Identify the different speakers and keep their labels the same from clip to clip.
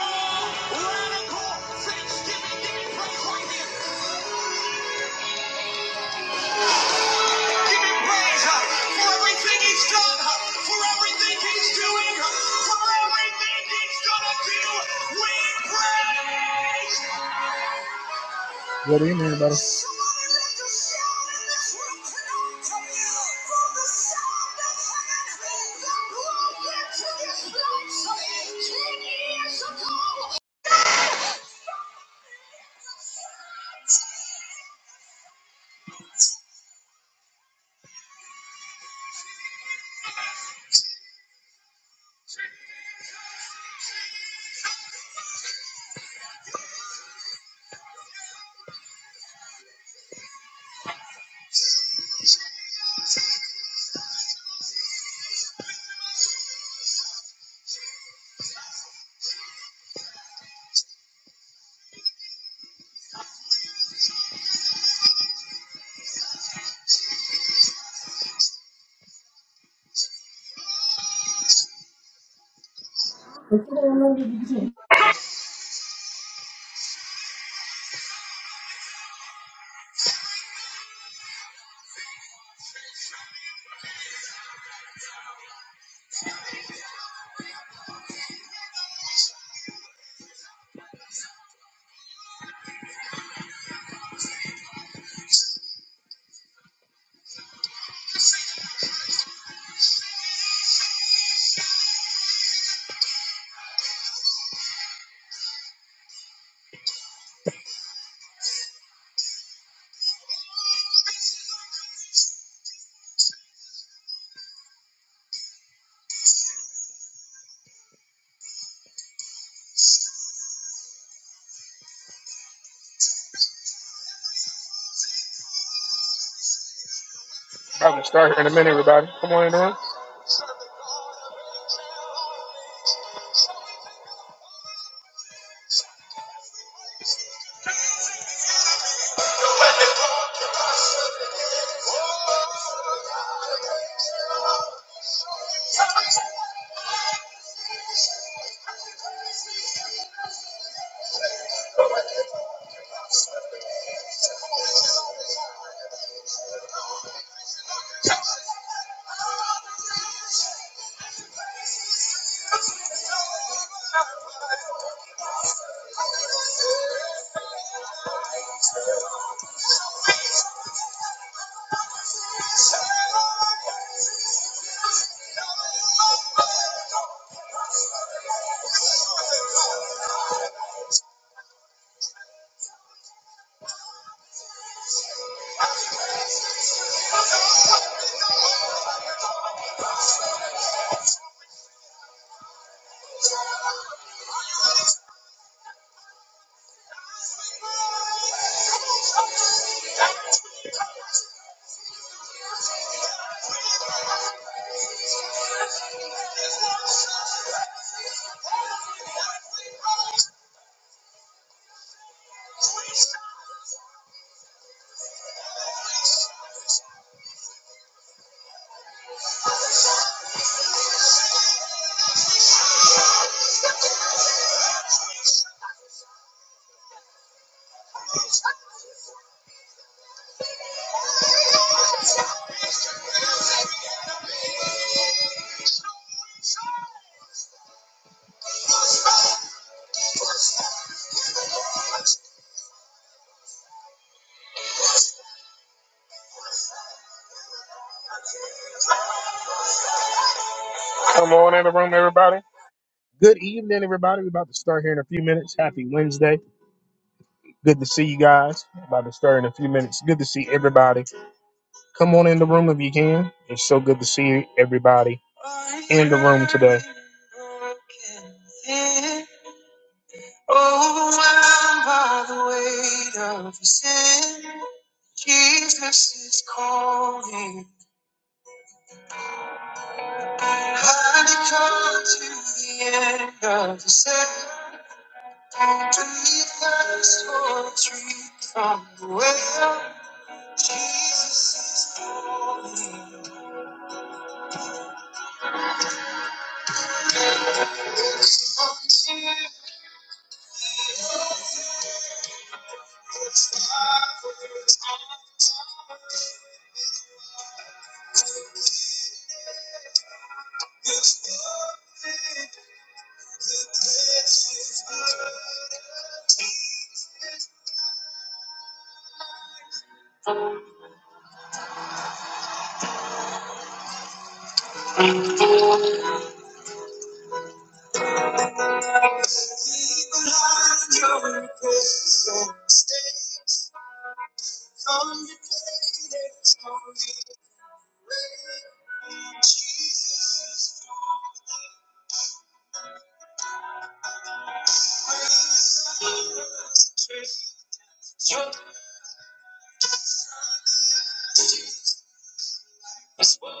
Speaker 1: What thanksgiving. Give right huh, huh, huh, do. everybody. you from the
Speaker 2: Blessings
Speaker 1: I'm gonna start here in a minute, everybody. Come on in the room. Come on in the room, everybody. Good evening, everybody. We're about to start here in a few minutes. Happy Wednesday. Good to see you guys. About to start in a few minutes. Good to see everybody. Come on in the room if you can. It's so good to see everybody in the room today. Overwhelmed by the weight of sin, Jesus is calling. I come to the end of the Beneath the tall tree from the well, Jesus is calling. Leave behind your regrets and complicated stories. Your response.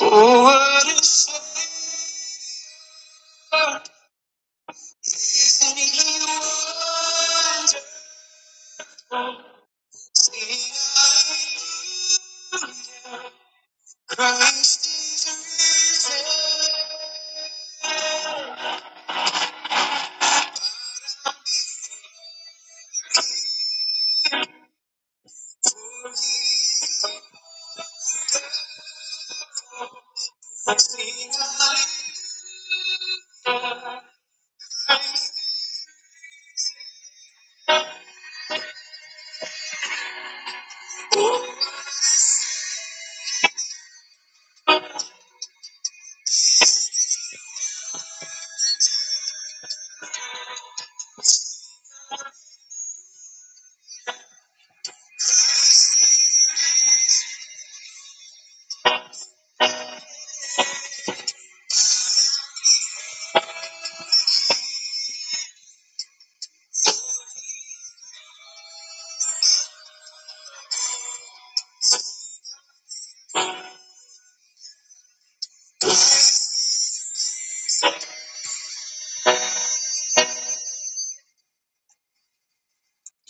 Speaker 1: Oh, what a season he wonderful. See, hallelujah. Christ is risen.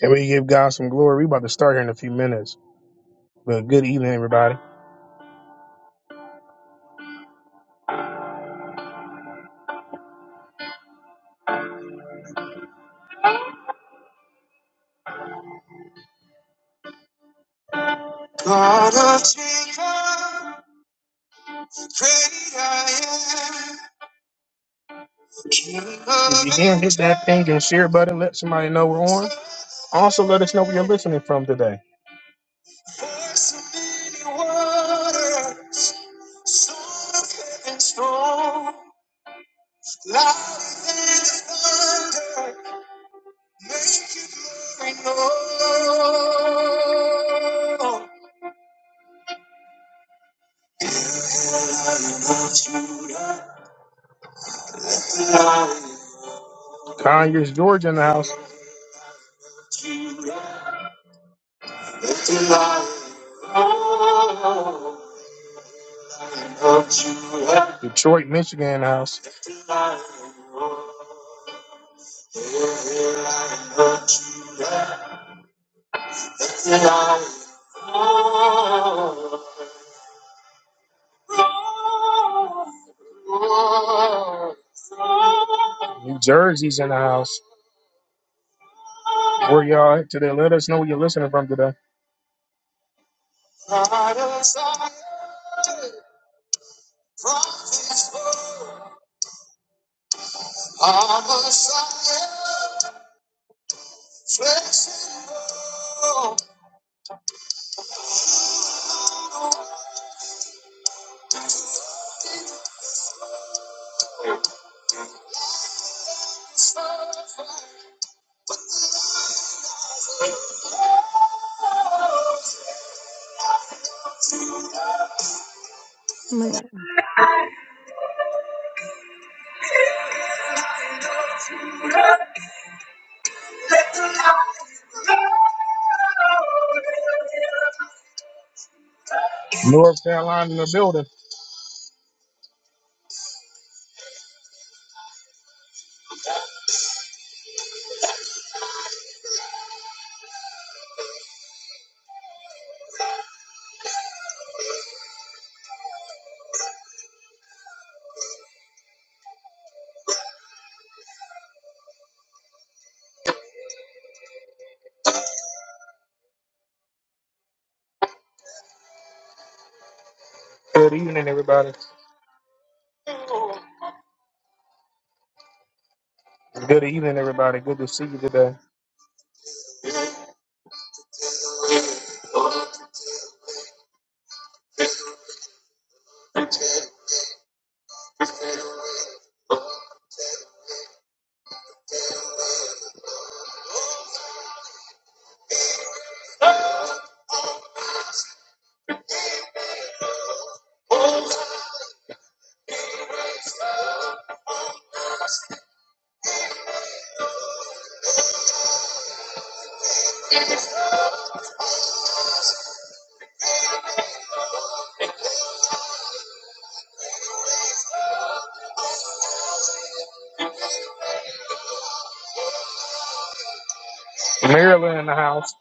Speaker 1: Can we give God some glory? We're about to start here in a few minutes. But good evening, everybody. God of Jacob, great I am. If you can hit that thing and share button, let somebody know we're on. Also, let us know where you're listening from today. Voice of many waters, song of heaven's throne, louder than the thunder, make your glory known. Lion of Judah, Lion of Judah. Conyers, Georgia, in the house. Detroit, Michigan house. New Jersey's in the house. Where y'all at today? Let us know where you're listening from today.
Speaker 3: Right.
Speaker 1: North Carolina in the building. Good evening, everybody. Good evening, everybody. Good to see you today. Maryland in the house.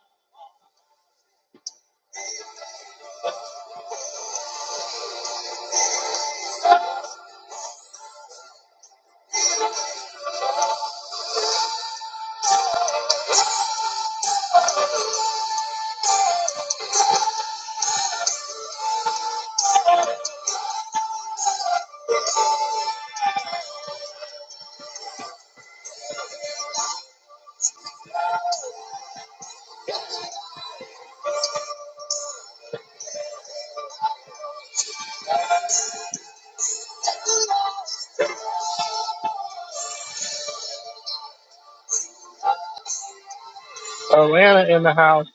Speaker 1: Atlanta in the house.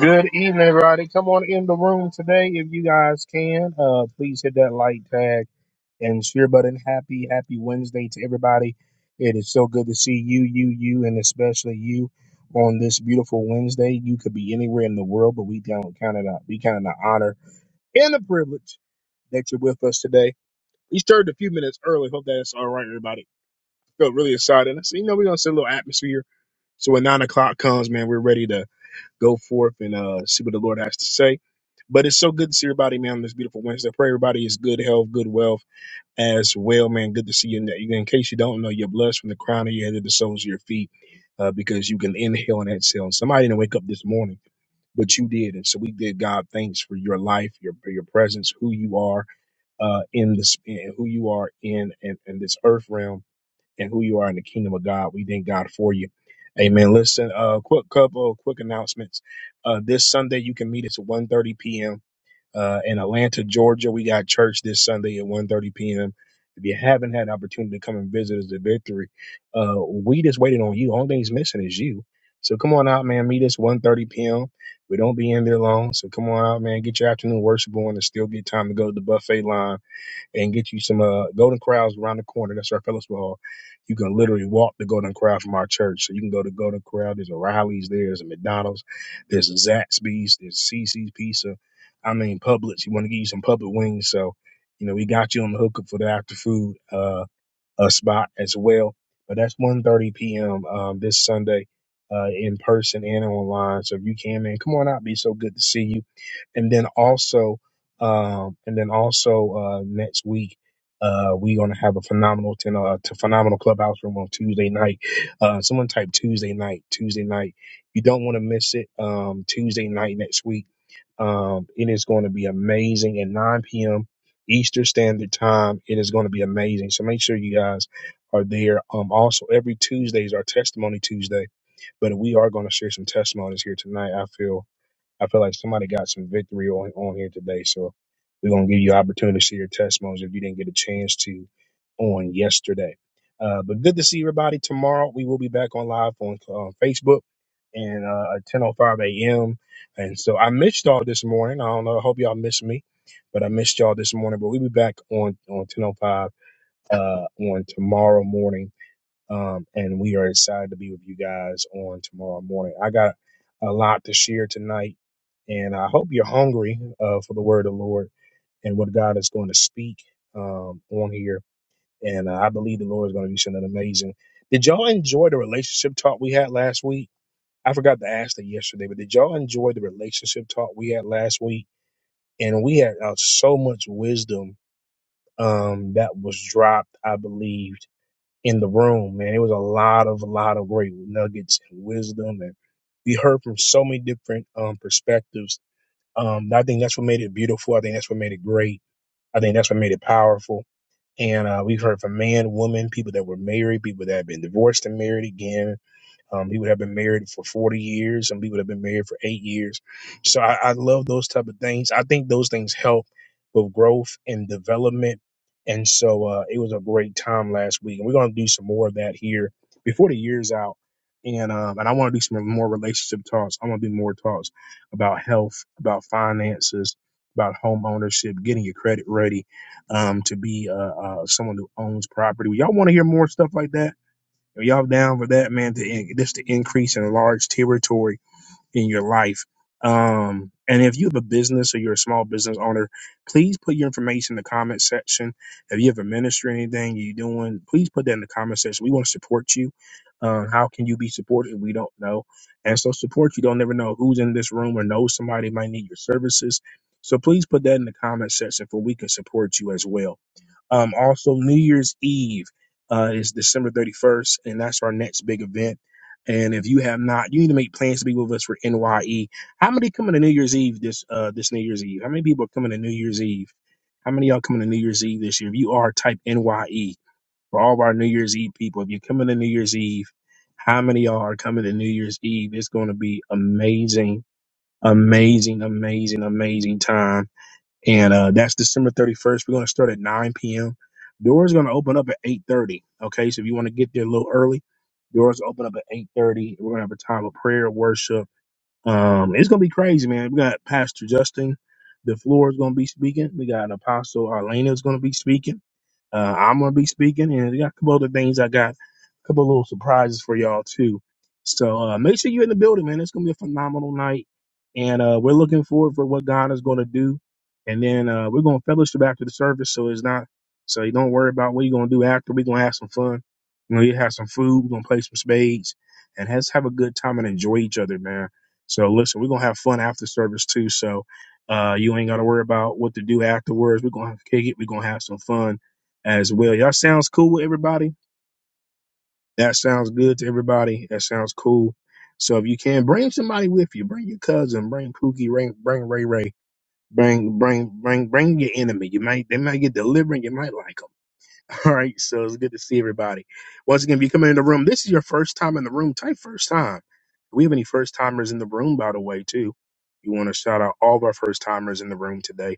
Speaker 1: Good evening, everybody. Come on in the room today if you guys can. Uh, please hit that like tag and share button. Happy, happy Wednesday to everybody. It is so good to see you, you, you, and especially you on this beautiful Wednesday. You could be anywhere in the world, but we don't count it out. We count it an honor and a privilege that you're with us today. We started a few minutes early. Hope that's all right, everybody. Felt really excited. I said, you know, we're gonna set a little atmosphere. So when nine o'clock comes, man, we're ready to go forth and uh, see what the Lord has to say. But it's so good to see everybody, man, on this beautiful Wednesday. I pray everybody is good health, good wealth as well, man. Good to see you. In, that- in case you don't know, you're blessed from the crown of your head to the soles of your feet uh, because you can inhale and exhale. And Somebody didn't wake up this morning but you did. And so we give God thanks for your life, your for your presence, who you are uh, in this in who you are in, in in this earth realm and who you are in the kingdom of God. We thank God for you. Amen. Listen, uh, quick couple of quick announcements. Uh, this Sunday you can meet us at 1:30 p.m. Uh, in Atlanta, Georgia. We got church this Sunday at 1:30 p.m. If you haven't had an opportunity to come and visit us at Victory, uh, we just waited on you. Only thing's missing is you. So come on out, man. Meet us 1:30 p.m. We don't be in there long. So come on out, man. Get your afternoon worship on and still get time to go to the buffet line and get you some uh, Golden Corrals around the corner. That's our fellowship hall. You can literally walk the Golden Corral from our church. So you can go to Golden Corral. There's a Riley's, there's a McDonald's, there's a Zaxby's, there's CC's Pizza. I mean, Publix. You want to get you some public wings. So, you know, we got you on the hookup for the after food. Uh uh, spot as well. But that's one thirty p.m. Um, this Sunday uh, in person and online. So if you can, man, come on out. Be so good to see you. And then also, um, and then also uh, next week. Uh, we're gonna have a phenomenal ten, uh, to phenomenal clubhouse room on Tuesday night. Uh, someone type Tuesday night, Tuesday night. You don't want to miss it. Um, Tuesday night next week. Um, it is going to be amazing at 9 p.m. Eastern Standard Time. It is going to be amazing. So make sure you guys are there. Um, also, every Tuesday is our Testimony Tuesday, but we are going to share some testimonies here tonight. I feel. I feel like somebody got some victory on on here today. So we're gonna give you opportunity to see your testimonies if you didn't get a chance to on yesterday. Uh, but good to see everybody. Tomorrow we will be back on live on uh, Facebook and uh, at 10:05 a.m. And so I missed y'all this morning. I don't know. I hope y'all missed me, but I missed y'all this morning. But we'll be back on on 10:05 uh, on tomorrow morning um, and we are excited to be with you guys on tomorrow morning. I got a lot to share tonight, and I hope you're hungry uh, for the word of the Lord and what God is going to speak um, on here. And uh, I believe the Lord is going to do something amazing. Did y'all enjoy the relationship talk we had last week? I forgot to ask that yesterday, but did y'all enjoy the relationship talk we had last week? And we had uh, so much wisdom um, that was dropped, I believe in the room, man. It was a lot of a lot of great nuggets and wisdom, and we heard from so many different um, perspectives. Um, I think that's what made it beautiful. I think that's what made it great. I think that's what made it powerful. And uh, we've heard from man, woman, people that were married, people that have been divorced and married again, um, he would have been married for 40 years and we would have been married for eight years. So I, I love those type of things. I think those things help with growth and development. And so uh, it was a great time last week. And we're going to do some more of that here before the year's out. And, um, and I want to do some more relationship talks. I want to do more talks about health, about finances, about home ownership, getting your credit ready um, to be uh, uh, someone who owns property. Y'all want to hear more stuff like that? y'all down for that, man? To just to increase in a large territory in your life. Um, and if you have a business or you're a small business owner, please put your information in the comment section. If you have a ministry or anything you're doing, please put that in the comment section. We want to support you. Uh, how can you be supported? We don't know. And so support you don't never know who's in this room or knows somebody might need your services. So please put that in the comment section for we can support you as well. Um, also, New Year's Eve uh, is December 31st, and that's our next big event. And if you have not, you need to make plans to be with us for NYE. How many coming to New Year's Eve this uh, this New Year's Eve? How many people are coming to New Year's Eve? How many of y'all coming to New Year's Eve this year? If you are, type NYE for all of our New Year's Eve people. If you're coming to New Year's Eve, how many of y'all are coming to New Year's Eve? It's going to be amazing, amazing, amazing, amazing time and uh, that's December 31st. We're going to start at 9 p.m. Doors going to open up at 8:30. Okay, so if you want to get there a little early, doors open up at 8:30. We're going to have a time of prayer, worship um, it's gonna be crazy, man. We got Pastor Justin DeFleur is gonna be speaking. We got Apostle Arlena is gonna be speaking. Uh, I'm gonna be speaking, and we got a couple other things. I got a couple little surprises for y'all too. So uh, make sure you're in the building, man. It's gonna be a phenomenal night, and uh, we're looking forward for what God is gonna do. And then uh, we're gonna fellowship after the service, so it's not. So you don't worry about what you're gonna do after. We're gonna have some fun. You know, you have some food. We're gonna play some spades, and let's have a good time and enjoy each other, man. So listen, we're gonna have fun after service too. So uh, you ain't gotta worry about what to do afterwards. We're gonna have to kick it. We're gonna have some fun as well. Y'all sounds cool with everybody. That sounds good to everybody. That sounds cool. So if you can bring somebody with you, bring your cousin, bring Pookie, bring bring Ray Ray, bring bring bring bring your enemy. You might they might get delivered. You might like 'em. All right, so it's good to see everybody. Once again, if you come in the room, this is your first time in the room. Type first time. Do we have any first timers in the room, by the way, too? You want to shout out all of our first timers in the room today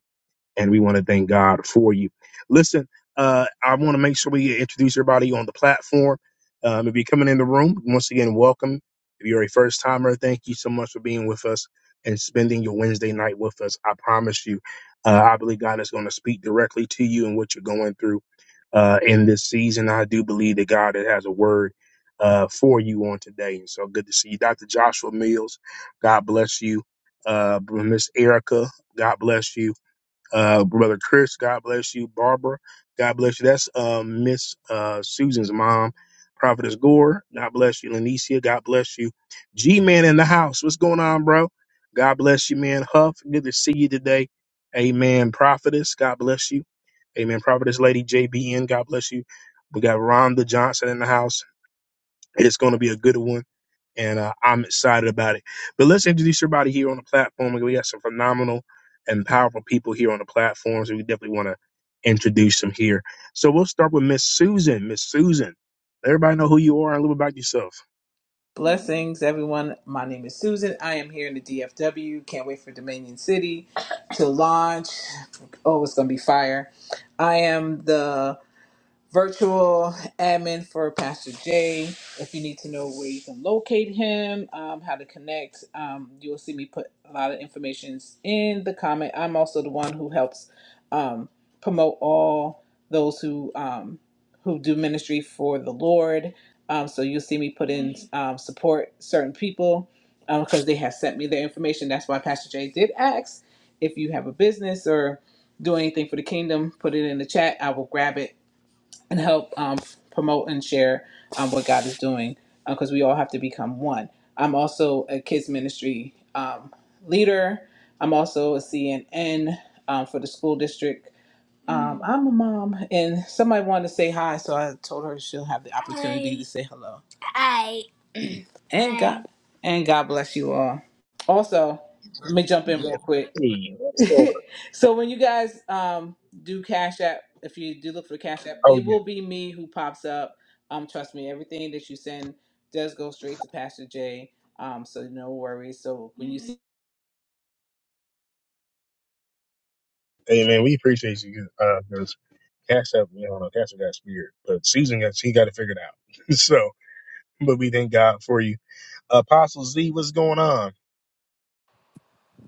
Speaker 1: and we want to thank God for you. Listen, uh, I want to make sure we introduce everybody on the platform. Um, if you're coming in the room, once again, welcome. If you're a first timer, thank you so much for being with us and spending your Wednesday night with us. I promise you, uh, I believe God is going to speak directly to you and what you're going through uh, in this season. I do believe that God has a word uh, for you on today. And so good to see you, Dr. Joshua Mills. God bless you. Uh, Miss Erica, God bless you uh, brother Chris, God bless you. Barbara, God bless you. That's um, Miss uh, Susan's mom. Prophetess Gore, God bless you. Lanicia, God bless you. G Man in the house, what's going on, bro? God bless you, man. Huff, good to see you today. Amen. Prophetess, God bless you. Amen. Prophetess Lady JBN, God bless you. We got Rhonda Johnson in the house. It's going to be a good one and uh, I'm excited about it. But let's introduce everybody here on the platform. We got some phenomenal and powerful people here on the platform, so we definitely want to introduce them here. So we'll start with Miss Susan. Miss Susan, let everybody know who you are and a little bit about yourself.
Speaker 4: Blessings, everyone. My name is Susan. I am here in the DFW. Can't wait for Dominion City to launch. Oh, it's going to be fire. I am the virtual admin for Pastor Jay. If you need to know where you can locate him, um, how to connect, um, you will see me put a lot of information in the comment. I'm also the one who helps um, promote all those who um, who do ministry for the Lord. Um, so you'll see me put in um, support certain people because they have sent me their information. That's why Pastor Jay did ask if you have a business or do anything for the kingdom, put it in the chat. I will grab it and help um, promote and share um, what God is doing because we all have to become one. I'm also a kids ministry um, leader. I'm also a CNN um, for the school district. Um, I'm a mom, and somebody wanted to say hi, so I told her she'll have the opportunity to say hello. Hi. And God, and God bless you all. Also, let me jump
Speaker 1: You
Speaker 4: in real
Speaker 1: met
Speaker 4: quick.
Speaker 1: me. What's going on?
Speaker 4: so when you guys um do cash app if you do look for the cash app
Speaker 1: Oh
Speaker 4: it
Speaker 1: yeah.
Speaker 4: will be me who pops up um trust me everything that you send does go straight to pastor jay um so no worries so when you see
Speaker 1: Hey man, we appreciate you because Cash up, you know, Cash App got spirit, but Susan got she got it figured out. so, but we thank God for you. Apostle Z, what's going on?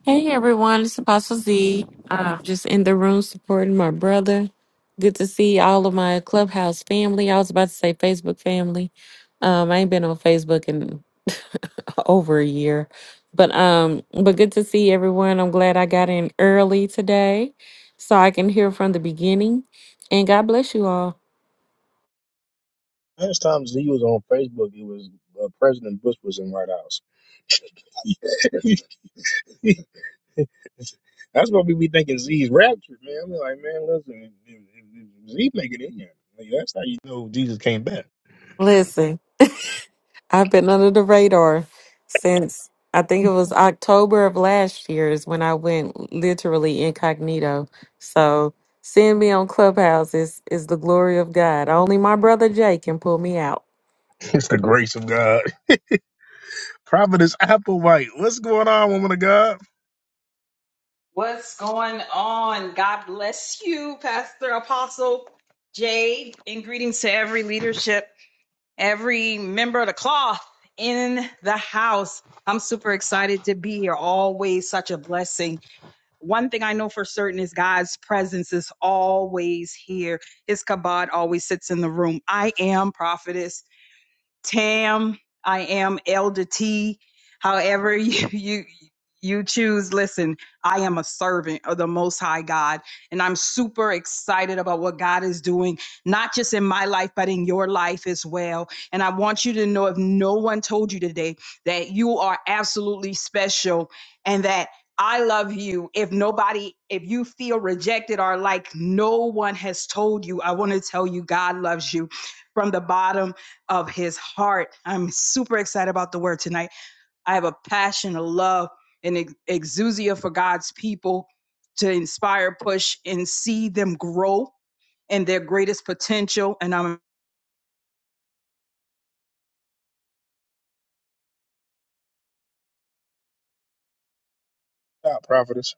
Speaker 5: Hey everyone, it's Apostle Z. I'm just in the room supporting my brother. Good to see all of my clubhouse family. I was about to say Facebook family. Um, I ain't been on Facebook in over a year, but um, but good to see everyone. I'm glad I got in early today, so I can hear from the beginning. And God bless you all.
Speaker 1: Last time Z was on Facebook, it was uh, President Bush was in White House. That's what we be thinking Z's raptured, man. we like, man, listen, if, if, if Z make it in there, like, that's how you know Jesus came back.
Speaker 5: Listen. I've been under the radar since I think it was October of last year is when I went literally incognito. So seeing me on Clubhouse is, is the glory of God. Only my brother Jay can pull me out.
Speaker 1: It's the grace of God. Prophetess Applewhite. What's going on, woman of God?
Speaker 6: What's going on? God bless you, Pastor Apostle Jade, and greetings to every leadership, every member of the cloth in the house. I'm super excited to be here. Always such a blessing. One thing I know for certain is God's presence is always here. His kabod always sits in the room. I am prophetess Tam. I am Elder T. However you you you choose. Listen, I am a servant of the Most High God, and I'm super excited about what God is doing, not just in my life, but in your life as well. And I want you to know, if no one told you today, that you are absolutely special, and that. I love you. If nobody, if you feel rejected or like no one has told you, I want to tell you God loves you from the bottom of his heart. I'm super excited about the word tonight. I have a passion, a love, an ex- exousia for God's people to inspire, push, and see them grow in their greatest potential. And I'm
Speaker 1: Cut Out Providence.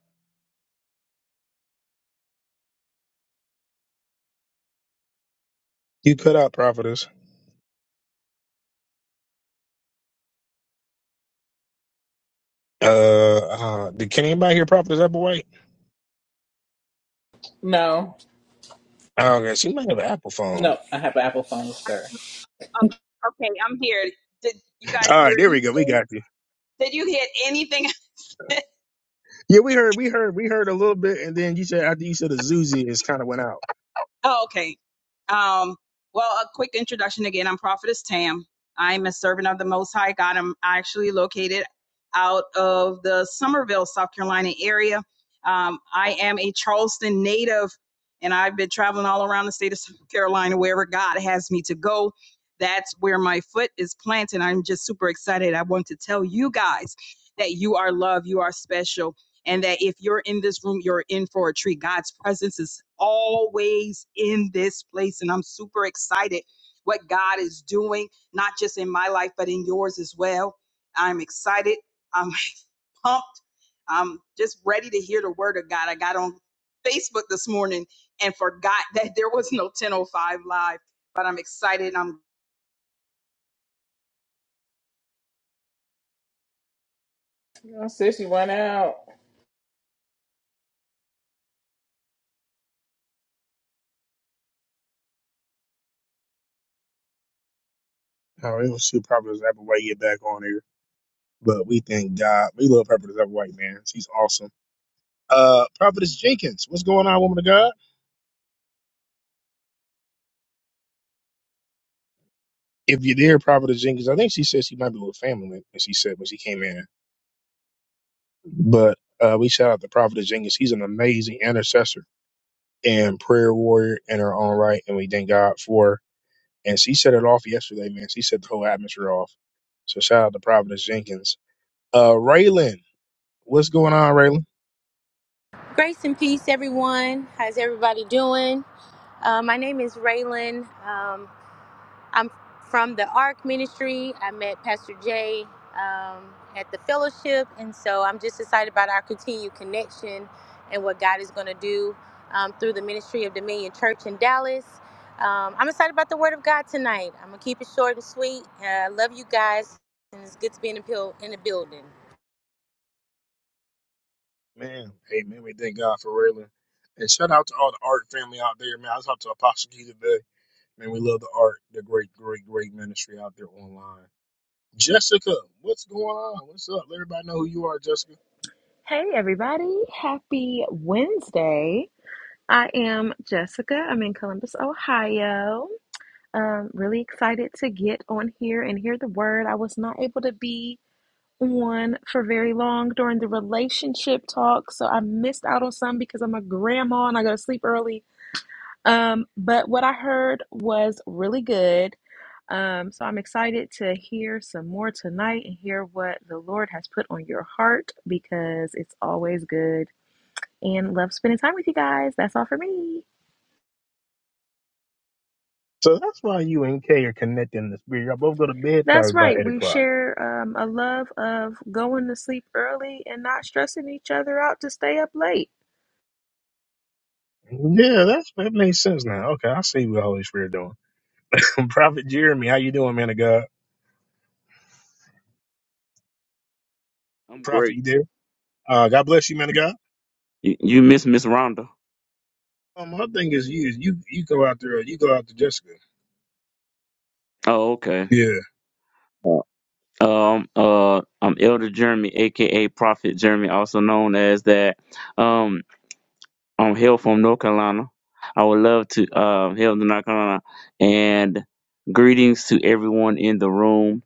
Speaker 1: You cut out Prophetess. Uh, uh did, can anybody hear Prophetess Applewhite?
Speaker 4: no
Speaker 1: Oh, okay, she might have an Apple phone.
Speaker 4: no i have an apple phone sir
Speaker 6: oh, Okay, I'm here. Did you guys
Speaker 1: All
Speaker 6: hear
Speaker 1: right, there we go. We
Speaker 6: anything?
Speaker 1: got you.
Speaker 6: Did you hear anything?
Speaker 1: Yeah, we heard, we heard, we heard a little bit, and then you said after you said the Zuzi is kind of went out.
Speaker 6: Oh, okay. Um, well, a quick introduction again. I'm Prophetess Tam. I'm a servant of the Most High God. I'm actually located out of the Summerville, South Carolina area. Um, I am a Charleston native, and I've been traveling all around the state of South Carolina, wherever God has me to go. That's where my foot is planted. I'm just super excited. I want to tell you guys that you are loved, you are special and that if you're in this room, you're in for a treat. God's presence is always in this place, and I'm super excited what God is doing, not just in my life, but in yours as well. I'm excited. I'm pumped. I'm just ready to hear the word of God. I got on Facebook this morning and forgot that there was no 1005 live, but I'm excited. I'm.
Speaker 4: no sis you went out
Speaker 1: Oh, it was see Prophetess Applewhite get back on here. But we thank God. We love Prophetess Applewhite, man. She's awesome. Uh, Prophetess Jenkins, what's going on, woman of God? If you're there, Prophetess Jenkins, I think she said she might be with family, as she said when she came in. But uh, we shout out to Prophetess Jenkins. He's an amazing intercessor and prayer warrior in her own right, and we thank God for her. And she set it off yesterday, man. She set the whole atmosphere off. So shout out to Prophetess Jenkins. Uh, Raylan, what's going on, Raylan?
Speaker 7: Grace and peace, everyone. How's everybody doing? Uh, my name is Raylan. Um, I'm from the ARC Ministry. I met Pastor Jay um, at the fellowship, and so I'm just excited about our continued connection and what God is going to do um, through the ministry of Dominion Church in Dallas. Um, I'm excited about the Word of God tonight. I'm going to keep it short and sweet. Uh, I love you guys, and it's good to be in the, buil- in the building.
Speaker 1: Man, hey man, we thank God for Raylan. And shout out to all the art family out there, man. I was talking to Apostle Key today. Man, we love the art, the great, great, great ministry out there online. Jessica, what's going on? What's up? Let everybody know who you are, Jessica.
Speaker 8: Hey, everybody. Happy Wednesday. I am Jessica. I'm in Columbus, Ohio. Um, really excited to get on here and hear the word. I was not able to be on for very long during the relationship talk, so I missed out on some because I'm a grandma and I go to sleep early. Um, but what I heard was really good. Um, so I'm excited to hear some more tonight and hear what the Lord has put on your heart because it's always good and love spending time with you guys. That's all for me.
Speaker 1: So that's why you and Kay are connecting in the spirit. Y'all both go to bed probably
Speaker 8: That's
Speaker 1: by
Speaker 8: right.
Speaker 1: eight
Speaker 8: We
Speaker 1: o'clock.
Speaker 8: share um, a love of going to sleep early and not stressing each other out to stay up late.
Speaker 1: Yeah, that's that makes sense now. Okay, I see what the Holy Spirit doing. Prophet Jeremy, how you doing, man of God?
Speaker 9: I'm
Speaker 1: Prophet,
Speaker 9: great.
Speaker 1: you there? Uh, God bless you, man of God.
Speaker 9: You, you miss Miss Rhonda?
Speaker 1: Um, my thing is you, is you, you go out there, you go out to Jessica.
Speaker 9: Oh, okay.
Speaker 1: Yeah.
Speaker 9: Uh, Um, uh, I'm Elder Jeremy, aka Prophet Jeremy, also known as that. Um, I'm hail from North Carolina. I would love to um hail to North Carolina and greetings to everyone in the room.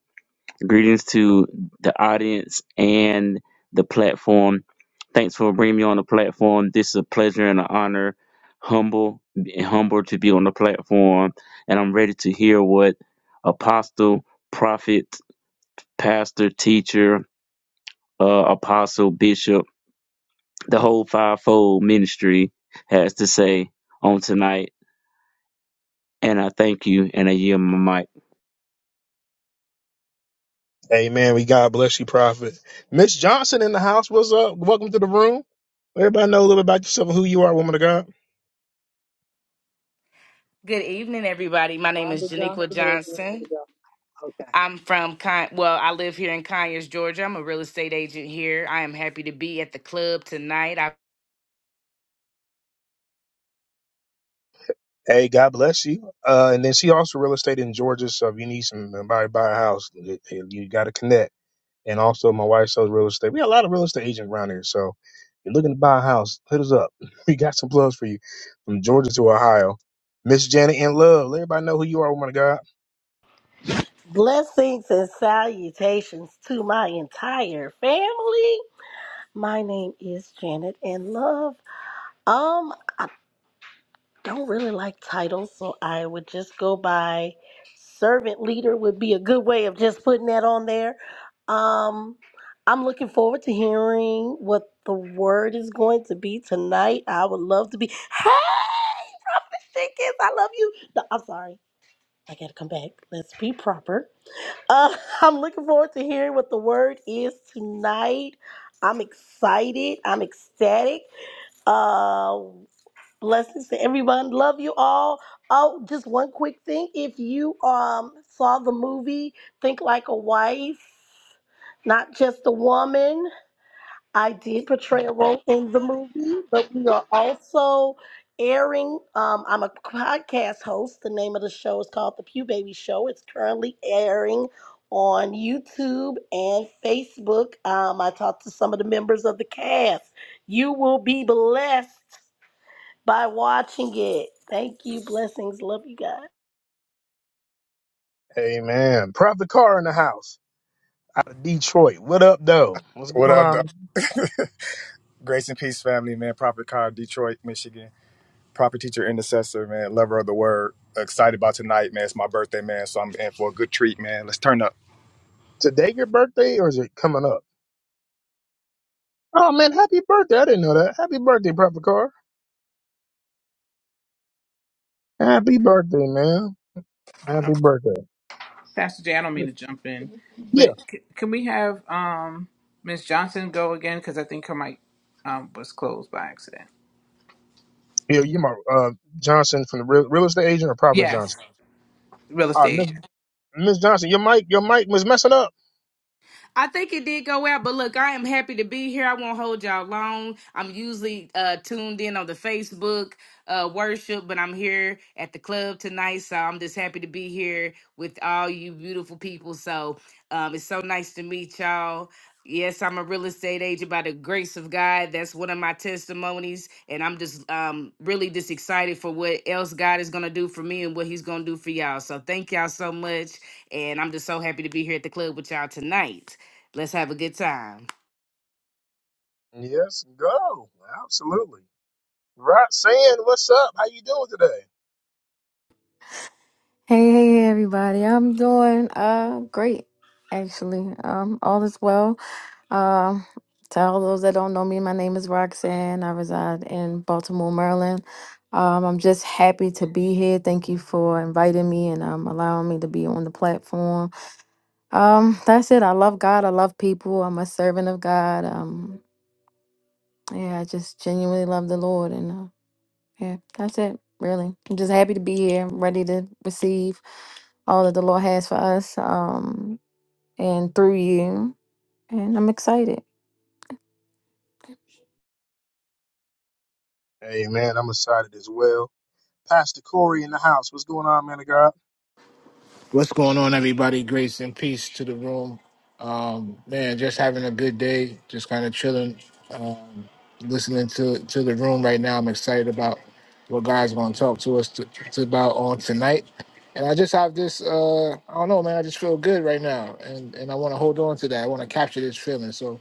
Speaker 9: Greetings to the audience and the platform. Thanks for bringing me on the platform. This is a pleasure and an honor. Humble, humble to be on the platform, and I'm ready to hear what apostle, prophet, pastor, teacher, uh, apostle, bishop, the whole fivefold ministry has to say on tonight. And I thank you, and I yield my mic.
Speaker 1: Amen. We God bless you, Prophet. Miss Johnson in the house. What's up? Welcome to the room. Let Everybody know a little bit about yourself and who you are, woman of God.
Speaker 10: Good evening, everybody. My name
Speaker 11: Rhonda
Speaker 10: is Janiqua
Speaker 11: Johnson or is it
Speaker 10: Johnson.
Speaker 11: another Johnson? Okay.
Speaker 10: I'm from Con- well, I live here in Conyers, Georgia. I'm a real estate agent here. I am happy to be at the club tonight.
Speaker 1: Hey, God bless you. Uh, and then she also real estate in Georgia. So if you need some buy buy a house, you got to connect. And also, my wife sells real estate. We got a lot of real estate agents around here. So, if you're looking to buy a house, hit us up. We got some plugs for you from Georgia to Ohio. Miss Janet in love. Let everybody know who you are, woman of God.
Speaker 2: and salutations to my entire family. My name is Janet and Love. Um, I don't really like titles, so I would just go by servant leader would be a good way of just putting that on there. Um, I'm looking forward to hearing what the word is going to be tonight. I would love to be. Hey, Stickers, I love you. No, I'm sorry. I gotta come back. Let's be proper. Uh, I'm looking forward to hearing what the word is tonight. I'm excited. I'm ecstatic. Uh, blessings to everyone. Love you all. Oh, just one quick thing. If you um saw the movie Think Like a Wife, not just a woman. I did portray a role in the movie, but we are also airing. Um, I'm a podcast host. The name of the show is called The Pew Baby Show. It's currently airing on YouTube and Facebook. Um, I talked to some of the members of the cast. You will be blessed by watching it. Thank you. Blessings. Love you guys.
Speaker 1: Amen. Prop the car in the house out of Detroit. What up, though? What's
Speaker 12: What
Speaker 1: going
Speaker 12: up, though?
Speaker 1: on?
Speaker 12: Grace and peace, family, man. Prophet Car, Detroit, Michigan. Prophet teacher, intercessor, man. Lover of the word. Excited about tonight, man. It's my birthday, man. So I'm in for a good treat, man. Let's turn up.
Speaker 1: Today your birthday or is it coming up? Oh, man, happy birthday. I didn't know that. Happy birthday, Prop the car. Happy birthday, man. Happy
Speaker 4: um,
Speaker 1: birthday.
Speaker 4: pastor jay i don't mean to jump in but
Speaker 1: Yeah.
Speaker 4: c- can we have um miss johnson go again because i think her mic um was closed by accident
Speaker 1: Yeah, you my uh, Johnson from the real, real estate agent or Prophet
Speaker 4: yes
Speaker 1: Johnson?
Speaker 4: real estate
Speaker 1: Uh, Miss Johnson, your mic, your mic was messing up.
Speaker 10: I think it did go out, but look, I am happy to be here. I won't hold y'all long. I'm usually uh, tuned in on the Facebook uh, worship, but I'm here at the club tonight, so I'm just happy to be here with all you beautiful people. So um, it's so nice to meet y'all. Yes, I'm a real estate agent by the grace of God. That's one of my testimonies, and I'm just um, really just excited for what else God is gonna do for me and what He's gonna do for y'all. So thank y'all so much, and I'm just so happy to be here at the club with y'all tonight. Let's have a good time.
Speaker 1: Yes, go. Absolutely. Right saying, what's up? How you doing today?
Speaker 3: Hey, hey, hey, everybody. I'm doing uh great, actually. Um, all is well. Um, to all those that don't know me, my name is Roxanne. I reside in Baltimore, Maryland. Um, I'm just happy to be here. Thank you for inviting me and um allowing me to be on the platform. Um, that's it. I love God. I love people. I'm a servant of God. Um, yeah, I just genuinely love the Lord, and uh, Yeah, that's it, really. I'm just happy to be here, ready to receive all that the Lord has for us um, and through you. And I'm excited.
Speaker 1: Hey man, I'm excited as well. Pastor Corey in the house. What's going on, man of God?
Speaker 13: What's going on, everybody? Grace and peace to the room. Um, man, just having a good day, just kind of chilling, uh, listening to to the room right now. I'm excited about what God's going to talk to us to, to about on tonight. And I just have this, uh, I don't know, man. I just feel good right now, and and I want to hold on to that. I want to capture this feeling, so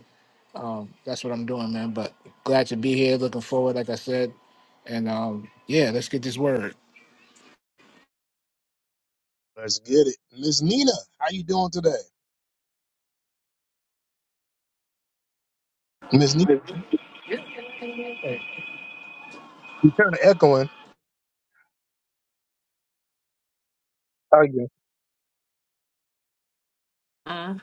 Speaker 13: that's what I'm doing, man. But glad to be here. Looking forward, like I said, and um, yeah, let's get this word.
Speaker 1: Let's get it. Miss Nina, how you doing today? Miss Nina, you are kind of echoing. How you?
Speaker 14: Uh,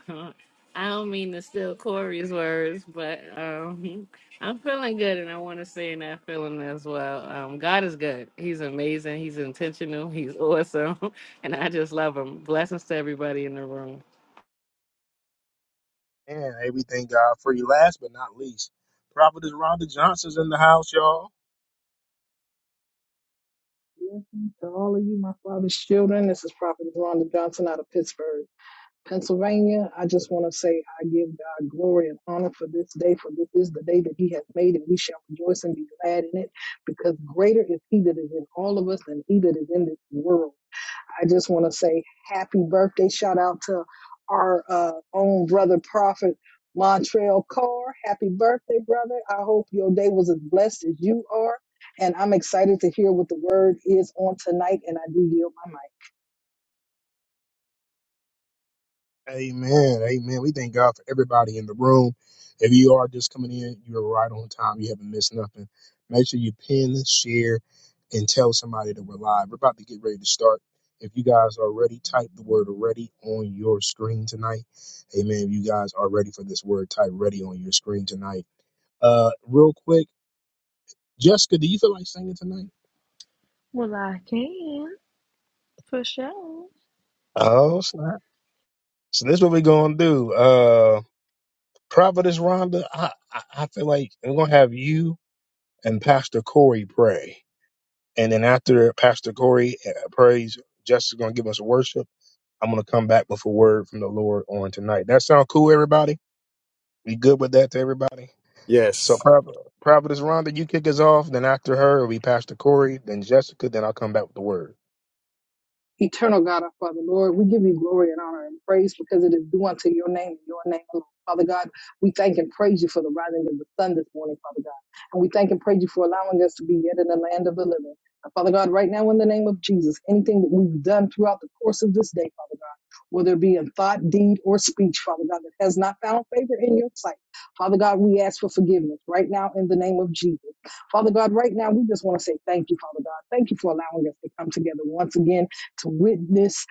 Speaker 14: I don't mean to steal Corey's words, but um, I'm feeling good, and I want to say in that feeling as well. Um, God is good. He's amazing. He's intentional. He's awesome, and I just love him. Blessings to everybody in the room.
Speaker 1: And hey, we thank God for you. Last but not least, Prophetess Rhonda Johnson's in the house, y'all.
Speaker 11: Blessings to all of you, my father's children. This is Prophet Rhonda Johnson out of Pittsburgh, Pennsylvania. I just want to say I give God glory and honor for this day, for this is the day that He has made, and we shall rejoice and be glad in it, because greater is He that is in all of us than He that is in this world. I just want to say happy birthday. Shout out to our uh, own brother, Prophet Montreal Carr. Happy birthday, brother. I hope your day was as blessed as you are. And I'm excited to hear what the word is on tonight. And I do yield my mic.
Speaker 1: Amen. Amen. We thank God for everybody in the room. If you are just coming in, you're right on time. You haven't missed nothing. Make sure you pin, share, and tell somebody that we're live. We're about to get ready to start. If you guys are ready, type the word ready on your screen tonight. Amen. If you guys are ready for this word, type ready on your screen tonight. Uh, real quick, Jessica, do you feel like singing tonight?
Speaker 8: Well, I can for sure.
Speaker 1: Oh, snap. So this is what we're gonna do. Uh Providence Rhonda, I, I I feel like we're gonna have you and Pastor Corey pray. And then after Pastor Corey uh, prays, Jess is going to give us worship. I'm going to come back with a word from the Lord on tonight. That sound cool, everybody? We good with that to everybody? So,
Speaker 12: Yes.
Speaker 1: Prov- Providence Rhonda, you kick us off. Then after her, it'll be Pastor Corey, then Jessica, then I'll come back with the word.
Speaker 11: Eternal God, our Father, Lord, we give you glory and honor and praise because it is due unto your name and your name alone. Father God, we thank and praise you for the rising of the sun this morning, Father God. And we thank and praise you for allowing us to be yet in the land of the living. And Father God, right now in the name of Jesus, anything that we've done throughout the course of this day, Father God, whether it be in thought, deed, or speech, Father God, that has not found favor in your sight, Father God, we ask for forgiveness right now in the name of Jesus. Father God, right now we just want to say thank you, Father God. Thank you for allowing us to come together once again to witness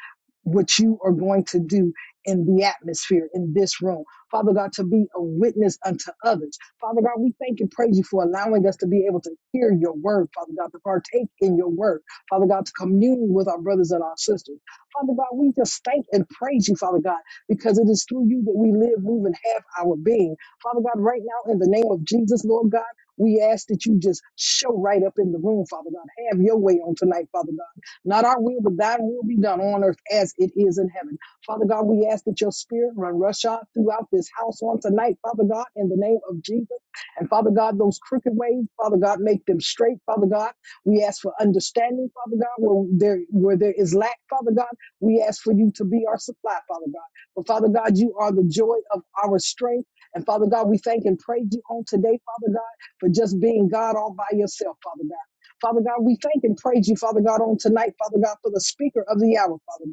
Speaker 11: what you are going to do in the atmosphere in this room. Father God, to be a witness unto others. Father God, we thank and praise you for allowing us to be able to hear your word, Father God, to partake in your word. Father God, to commune with our brothers and our sisters. Father God, we just thank and praise you, Father God, because it is through you that we live, move, and have our being. Father God, right now, in the name of Jesus, Lord God, we ask that you just show right up in the room, Father God. Have your way on tonight, Father God. Not our will, but thine will be done on earth as it is in heaven. Father God, we ask that your spirit run roughshod throughout this house on tonight, Father God, in the name of Jesus. And Father God, those crooked ways, Father God, make them straight, Father God. We ask for understanding, Father God, where there where there is lack, Father God. We ask for you to be our supply, Father God. But Father God, you are the joy of our strength. And Father God, we thank and praise you on today, Father God, for just being God all by yourself, Father God. Father God, we thank and praise you, Father God, on tonight, Father God, for the speaker of the hour, Father God.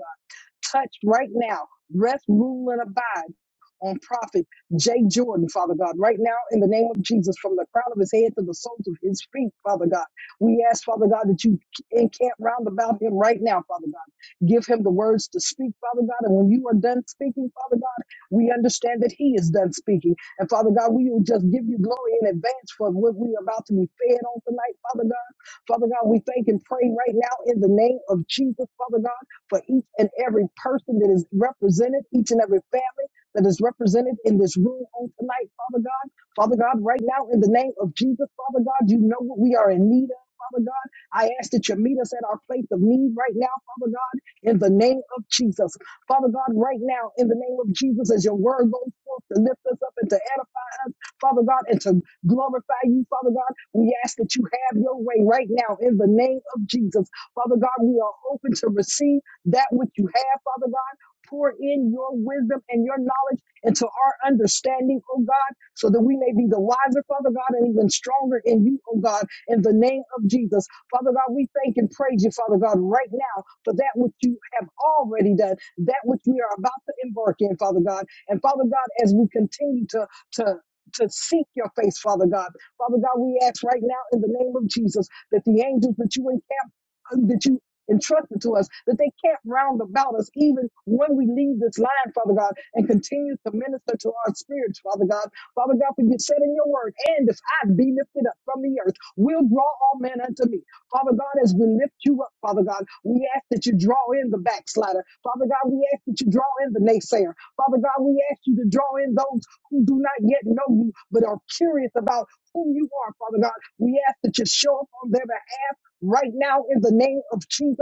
Speaker 11: Touch right now. Rest, rule, and abide on prophet Jay Jordan, Father God, right now in the name of Jesus, from the crown of his head to the soles of his feet, Father God. We ask, Father God, that you encamp round about him right now, Father God. Give him the words to speak, Father God. And when you are done speaking, Father God, we understand that he is done speaking. And Father God, we will just give you glory in advance for what we are about to be fed on tonight, Father God. Father God, we thank and pray right now in the name of Jesus, Father God for each and every person that is represented, each and every family that is represented in this room on tonight, Father God. Father God, right now, in the name of Jesus, Father God, you know what we are in need of. Father God, I ask that you meet us at our place of need right now, Father God, in the name of Jesus. Father God, right now, in the name of Jesus, as your word goes forth to lift us up and to edify us, Father God, and to glorify you, Father God, we ask that you have your way right now in the name of Jesus. Father God, we are open to receive that which you have, Father God. Pour in your wisdom and your knowledge into our understanding, oh God, so that we may be the wiser, Father God, and even stronger in you, oh God, in the name of Jesus. Father God, we thank and praise you, Father God, right now for that which you have already done, that which we are about to embark in, Father God. And Father God, as we continue to, to, to seek your face, Father God. Father God, we ask right now in the name of Jesus that the angels that you encamp uh, that you entrusted to us, that they can't round about us even when we leave this line, Father God, and continue to minister to our spirits, Father God. Father God, for you said in your word, and if I be lifted up from the earth, will draw all men unto me. Father God, as we lift you up, Father God, we ask that you draw in the backslider. Father God, we ask that you draw in the naysayer. Father God, we ask you to draw in those who do not yet know you, but are curious about who you are, Father God. We ask that you show up on their behalf right now in the name of Jesus.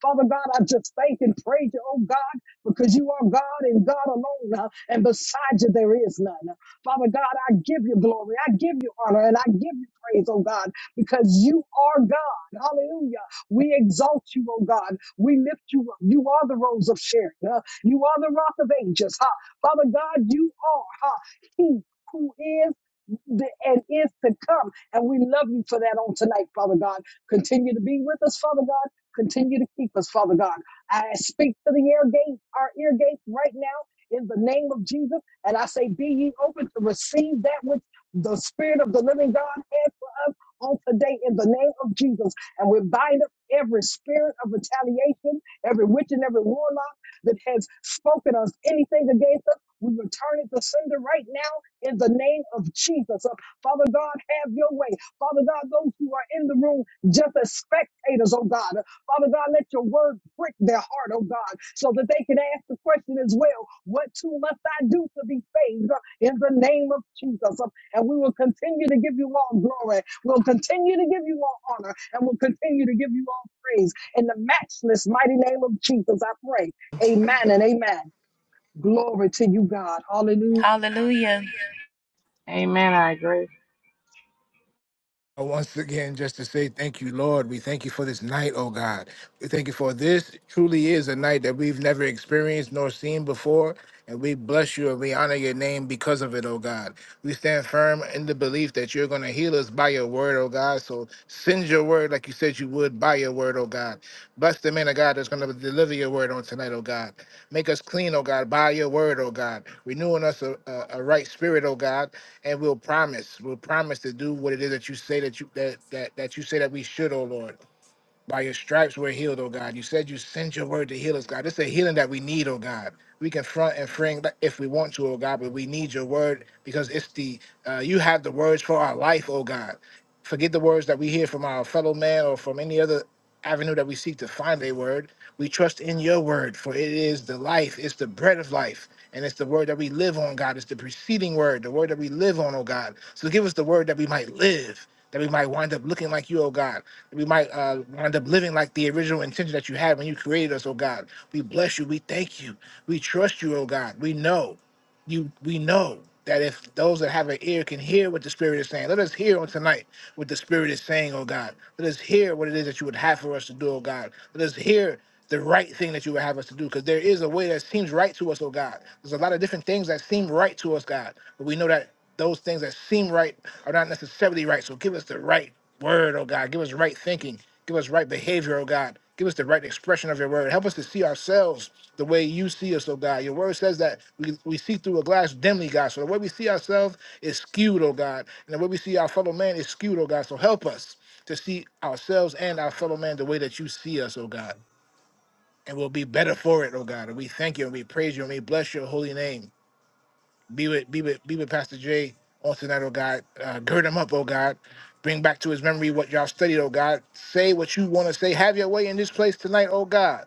Speaker 11: Father God, I just thank and praise you, oh God, because you are God and God alone, uh, and beside you there is none. Father God, I give you glory, I give you honor, and I give you praise, oh God, because you are God. Hallelujah. We exalt you, oh God. We lift you up. You are the rose of Sharon. uh, you are the rock of ages. Ha. Father God, you are ha, He who is the, and is to come. And we love you for that on tonight, Father God. Continue to be with us, Father God. Continue to keep us, Father God. I speak to the air gate, our ear gate right now in the name of Jesus. And I say, be ye open to receive that which the Spirit of the living God has for us on today in the name of Jesus. And we bind up every spirit of retaliation, every witch and every warlock that has spoken us anything against us. We return it to sender right now in the name of Jesus. Uh, Father God, have your way. Father God, those who are in the room just as spectators, oh God. Father God, let your word prick their heart, oh God, so that they can ask the question as well, what too must I do to be saved uh, in the name of Jesus? Um, And we will continue to give you all glory. We'll continue to give you all honor and we'll continue to give you all praise. In the matchless mighty name of Jesus, I pray. Amen and amen. Glory to you, God. Hallelujah.
Speaker 15: Hallelujah.
Speaker 14: Amen. I agree.
Speaker 13: Uh, Once again, just to say thank you, Lord. We thank you for this night, oh God. We thank you for this truly is a night that we've never experienced nor seen before. And we bless you and we honor your name because of it, oh God. We stand firm in the belief that you're going to heal us by your word, oh God. So send your word like you said you would by your word, oh God. Bless the man of God that's going to deliver your word on tonight, oh God. Make us clean, oh God, by your word, oh God. Renew in us a, a, a right spirit, oh God and we'll promise, we'll promise to do what it is that you say that you that that that you say that we should, oh Lord. By your stripes we're healed, oh God. You said you sent your word to heal us, God. It's a healing that we need, oh God. We can front and fring if we want to, oh God, but we need your word because it's the uh, you have the words for our life, oh God. Forget the words that we hear from our fellow man or from any other avenue that we seek to find a word. We trust in your word, for it is the life, it's the bread of life, and it's the word that we live on, God. It's the preceding word, the word that we live on, oh God. So give us the word that we might live, that we might wind up looking like you, oh God we might uh, wind up living like the original intention that you had when you created us, oh God. We bless you. We thank you. We trust you, oh God. We know you. We know that if those that have an ear can hear what the Spirit is saying, let us hear on tonight what the Spirit is saying, oh God. Let us hear what it is that you would have for us to do, oh God. Let us hear the right thing that you would have us to do. Because there is a way that seems right to us, oh God. There's a lot of different things that seem right to us, God. But we know that those things that seem right are not necessarily right. So give us the right word, oh God. Give us right thinking. Give us right behavior, oh God. Give us the right expression of your word. Help us to see ourselves the way you see us, oh God. Your word says that we, we see through a glass dimly, God. So the way we see ourselves is skewed, oh God. And the way we see our fellow man is skewed, oh God. So help us to see ourselves and our fellow man the way that you see us, oh God and we'll be better for it, oh God. And we thank you and we praise you and we bless your holy name. Be with be with be with Pastor Jay on tonight, oh God. Uh, gird him up, oh God. Bring back to his memory what y'all studied, oh God. Say what you want to say. Have your way in this place tonight, oh God.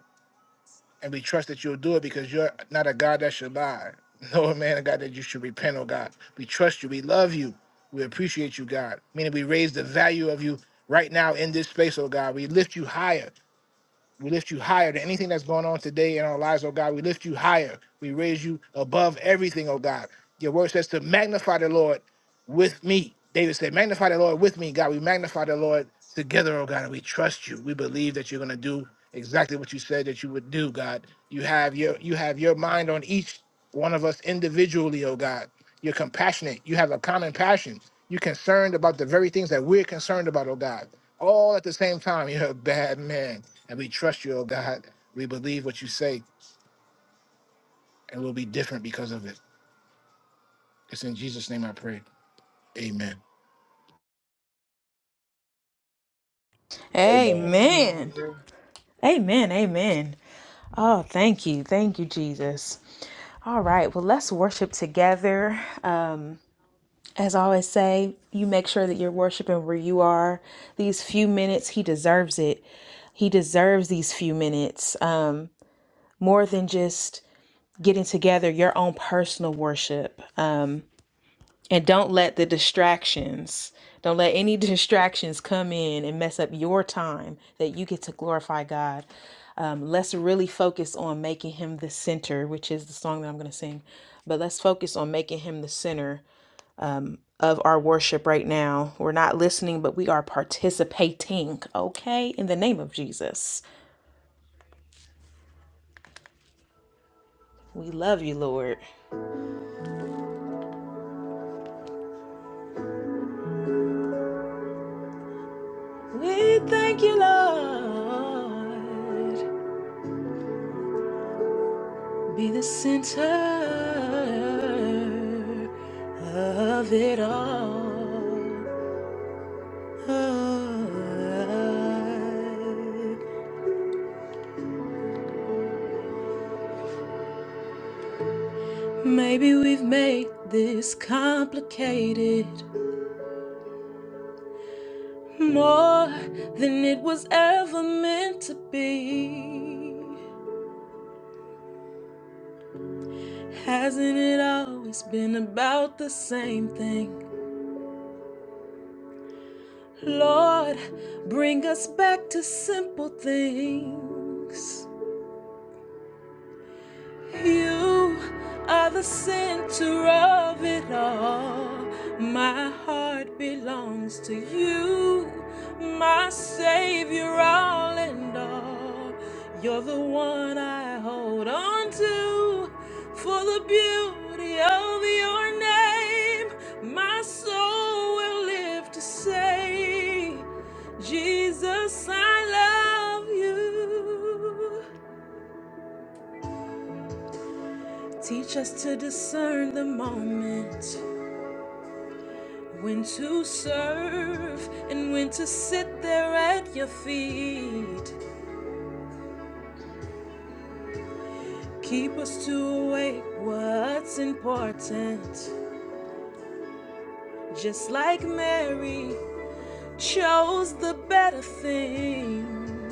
Speaker 13: And we trust that you'll do it because you're not a God that should lie. No man, a God that you should repent, oh God. We trust you. We love you. We appreciate you, God. Meaning we raise the value of you right now in this space, oh God. We lift you higher. We lift you higher than anything that's going on today in our lives, oh God. We lift you higher. We raise you above everything, oh God. Your word says to magnify the Lord with me. David said, Magnify the Lord with me, God. We magnify the Lord together, oh God, and we trust you. We believe that you're gonna do exactly what you said that you would do, God. You have your you have your mind on each one of us individually, oh God. You're compassionate. You have a common passion. You're concerned about the very things that we're concerned about, oh God. All at the same time, you're a bad man. And we trust you, oh God. We believe what you say, and we'll be different because of it. It's in Jesus' name I pray. Amen.
Speaker 12: Amen.
Speaker 14: Amen. I
Speaker 8: Amen.
Speaker 14: agree.
Speaker 8: Amen. Amen. Oh, thank you. Thank you, Jesus. All right. Well, let's worship together. As I always say, you make sure that you're worshiping where you are. These few minutes, he deserves it. He deserves these few minutes. Um, more than just getting together your own personal worship um, and don't let the distractions don't let any distractions come in and mess up your time that you get to glorify god um, let's really focus on making him the center which is the song that i'm going to sing but let's focus on making him the center of our worship right now we're not listening but we are participating okay in the name of jesus we love you lord we thank you lord Be the center of it all. Oh, Maybe we've made this complicated more than it was ever meant to be. Hasn't it always been about the same thing? Lord, bring us back to simple things. You are the center of it all. My heart belongs to you, my Savior, all and all. You're the one I hold on to for the beauty of your name. My soul will live to say, Jesus, I love you. Teach us to discern the moment when to serve and when to sit there at your feet. Keep us to awake what's important. Just like Mary chose the better thing.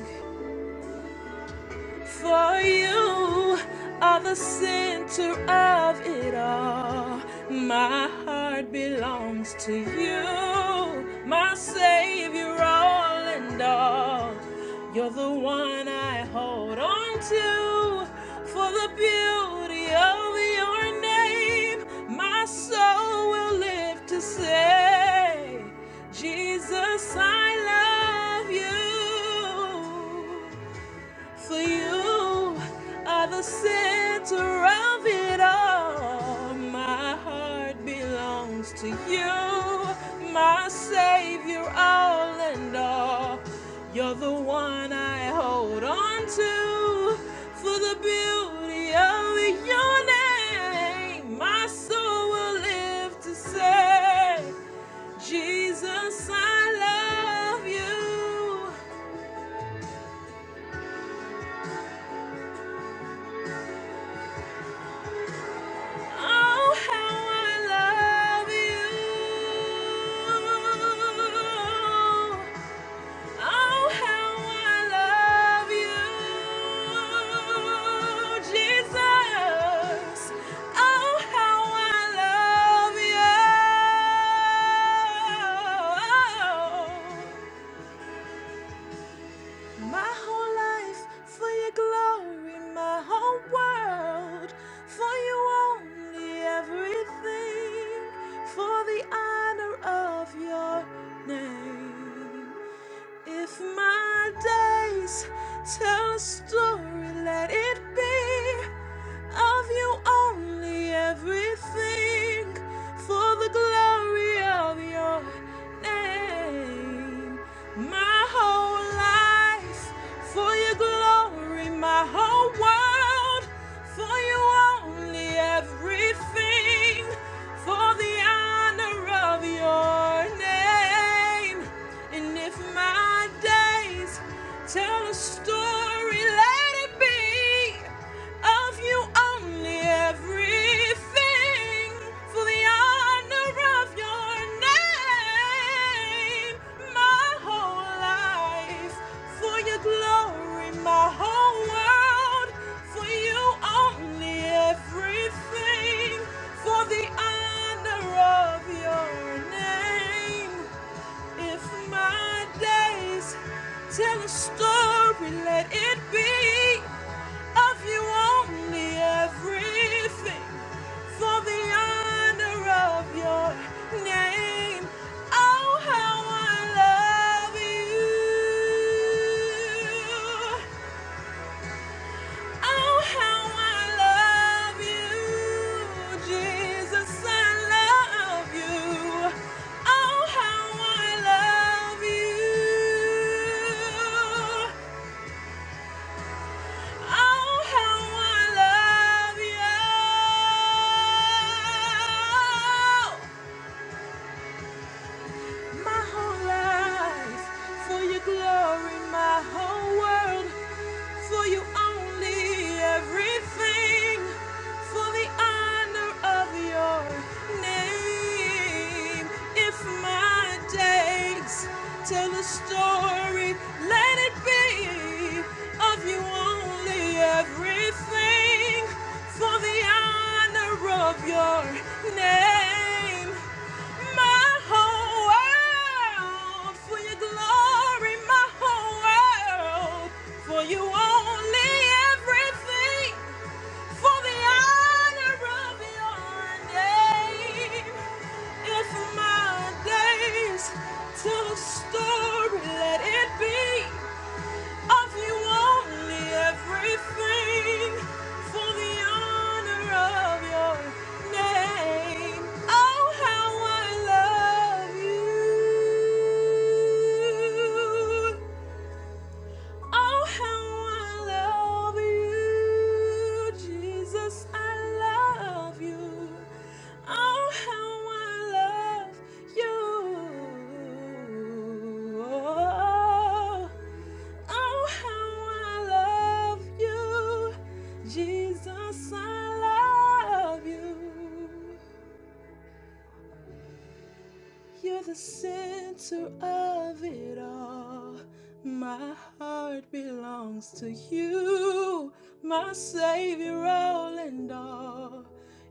Speaker 8: For you are the center of it all. My heart belongs to you, my Savior, all and all. You're the one I hold on to for the beauty of your name. My soul will live to say, Jesus, I love you. For you are the center of it all. My heart belongs to you, my Savior, all and all. You're the one I hold on to for the beauty of your name. My soul will live to say, Jesus, I love you. Oh, how I love you. Oh, how I love you, Jesus. Oh, how I love you. My whole life for your glory, my whole world for you only everything for the honor of your name. If my days tell a story, let it be of you only everything for the glory of your name. My whole life for your glory, my whole world for you only everything for the honor of your name. And if my days tell a story, let it be of you only everything for the honor of your name. My whole life for your glory, my whole world for you only everything for the honor of your name. If my days tell a story, let it be of you only everything for the honor of your name. Oh, how I love you. Oh, how I love you, Jesus, I love you. Oh, how I love you. Oh, how I love you. My whole life for your glory, my whole world. For you only everything for the honor of your name. If my days tell a story, let it be of you only everything for the honor of your name. My whole world for your glory, my whole world for you only everything for the honor of your name. If my days tell a story, let it be. Of you only everything for the honor of your name. Oh, how I love you. Oh, how I love you, Jesus. I love you. Oh, how I love you. Oh, how I love you, Jesus, I love you. You're the center of it all. My heart belongs to you, my Savior, all and all.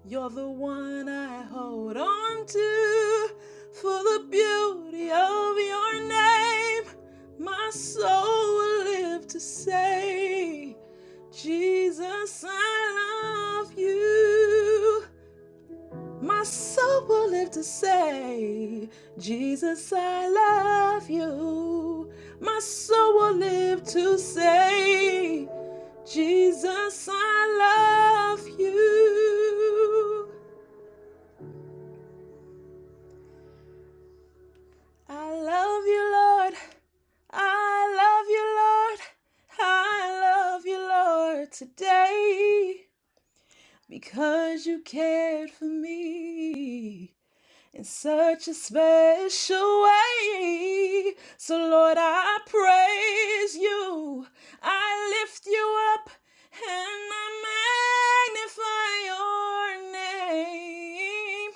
Speaker 8: You're the one I hold on to for the beauty of your name. My soul will live to say, Jesus, I love you. My soul will live to say, Jesus, I love you. My soul will live to say, Jesus, I love you. I love you, Lord. I love you, Lord. I love you, Lord, today because you cared for me. in such a special way. So, Lord, I praise you. I lift you up and I magnify your name.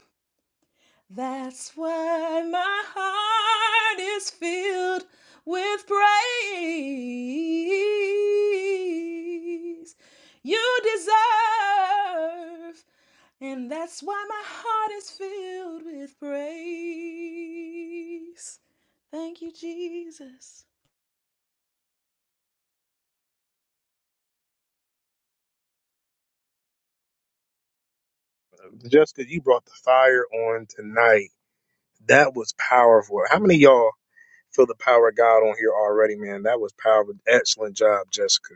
Speaker 8: That's why my heart is filled with praise. You deserve and that's why my heart is filled with praise. Thank you, Jesus.
Speaker 1: Jessica, you brought the fire on tonight. That was powerful. How many of y'all feel the power of God on here already, man? That was powerful. Excellent job, Jessica.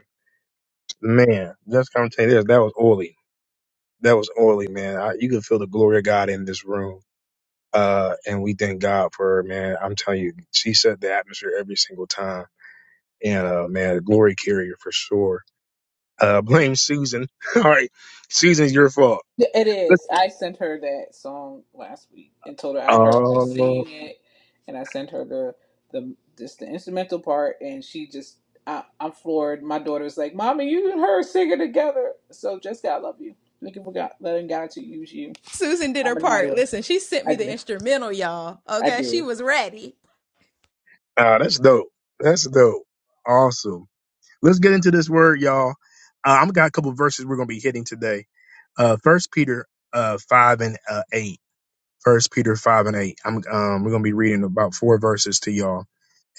Speaker 1: Man, Jessica, I'm telling you this, that was oily. That was oily, man. I, you could feel the glory of God in this room. Uh, and we thank God for her, man. I'm telling you, she set the atmosphere every single time. And, uh, man, a glory carrier for sure. Uh, blame Susan. All right. Susan's your fault.
Speaker 4: Yeah, It
Speaker 1: Let's-
Speaker 4: is. I sent her that song last week and told her I heard her
Speaker 1: Oh,
Speaker 4: singing it, and I sent her the the just the instrumental part, and she just I, I'm floored. My daughter's like, "Mommy, you and her singing together." So, Jessica, I love you. Looking for God, letting God to use you.
Speaker 8: Susan did
Speaker 4: I'm
Speaker 8: her
Speaker 4: in the mighty
Speaker 8: part.
Speaker 4: way.
Speaker 8: Listen, she sent
Speaker 4: I
Speaker 8: me the
Speaker 4: did.
Speaker 8: instrumental, y'all.
Speaker 4: I
Speaker 8: Okay, she
Speaker 4: did.
Speaker 8: was ready.
Speaker 1: ah, that's dope. That's dope. Awesome. Let's get into this word, y'all. Uh, i have got a couple verses we're going to be hitting today. Uh, first Peter, uh, five and, uh, eight. First Peter five and eight. I'm um we're gonna be reading about four verses to y'all.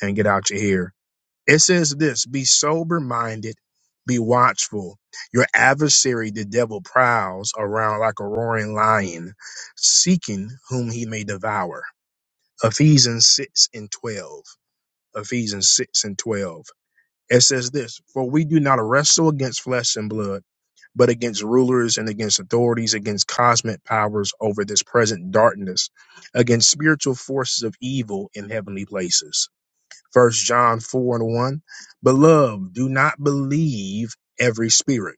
Speaker 1: and get out your hair. It says this be sober minded, be watchful. Your adversary, the devil, prowls around like a roaring lion, seeking whom he may devour. Ephesians 6 and 12. Ephesians 6 and 12. It says this For we do not wrestle against flesh and blood, but against rulers and against authorities, against cosmic powers over this present darkness, against spiritual forces of evil in heavenly places First John 4 and 1. Beloved, do not believe every spirit,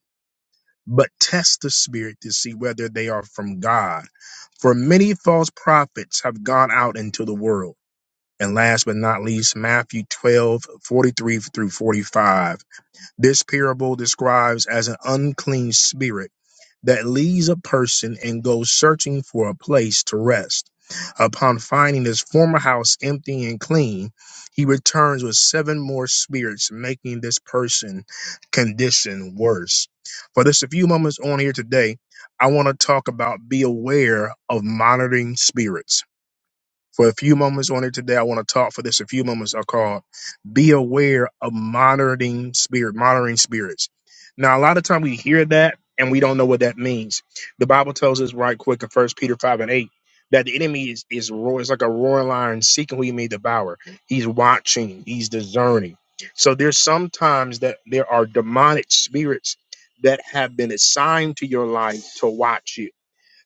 Speaker 1: but test the spirit to see whether they are from God. For many false prophets have gone out into the world. And last but not least, Matthew 12 43 through 45. This parable describes as an unclean spirit that leaves a person and goes searching for a place to rest. Upon finding his former house empty and clean, he returns with seven more spirits, making this person condition worse. For just a few moments on here today, I want to talk about be aware of monitoring spirits for a few moments on it today. I want to talk for this. A few moments are called be aware of monitoring spirit, monitoring spirits. Now, a lot of time we hear that and we don't know what that means. The Bible tells us right quick in First Peter five and eight that the enemy is is roar is like a roaring lion seeking who he may devour. He's watching. He's discerning. So there's sometimes that there are demonic spirits that have been assigned to your life to watch you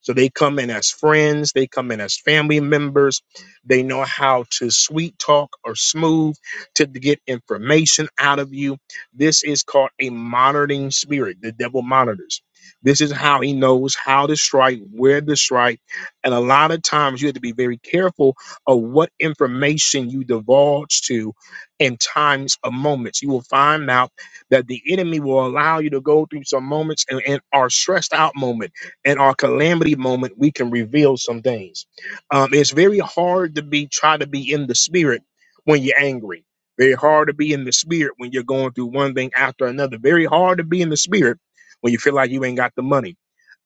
Speaker 1: so they come in as friends, they come in as family members. They know how to sweet talk or smooth to get information out of you. This is called a monitoring spirit. The devil monitors. This is how he knows how to strike, where to strike. And a lot of times you have to be very careful of what information you divulge to in times of moments. You will find out that the enemy will allow you to go through some moments and, and are stressed out moment in our calamity moment, we can reveal some things. Um, it's very hard to be try to be in the spirit when you're angry. Very hard to be in the spirit when you're going through one thing after another. Very hard to be in the spirit when you feel like you ain't got the money.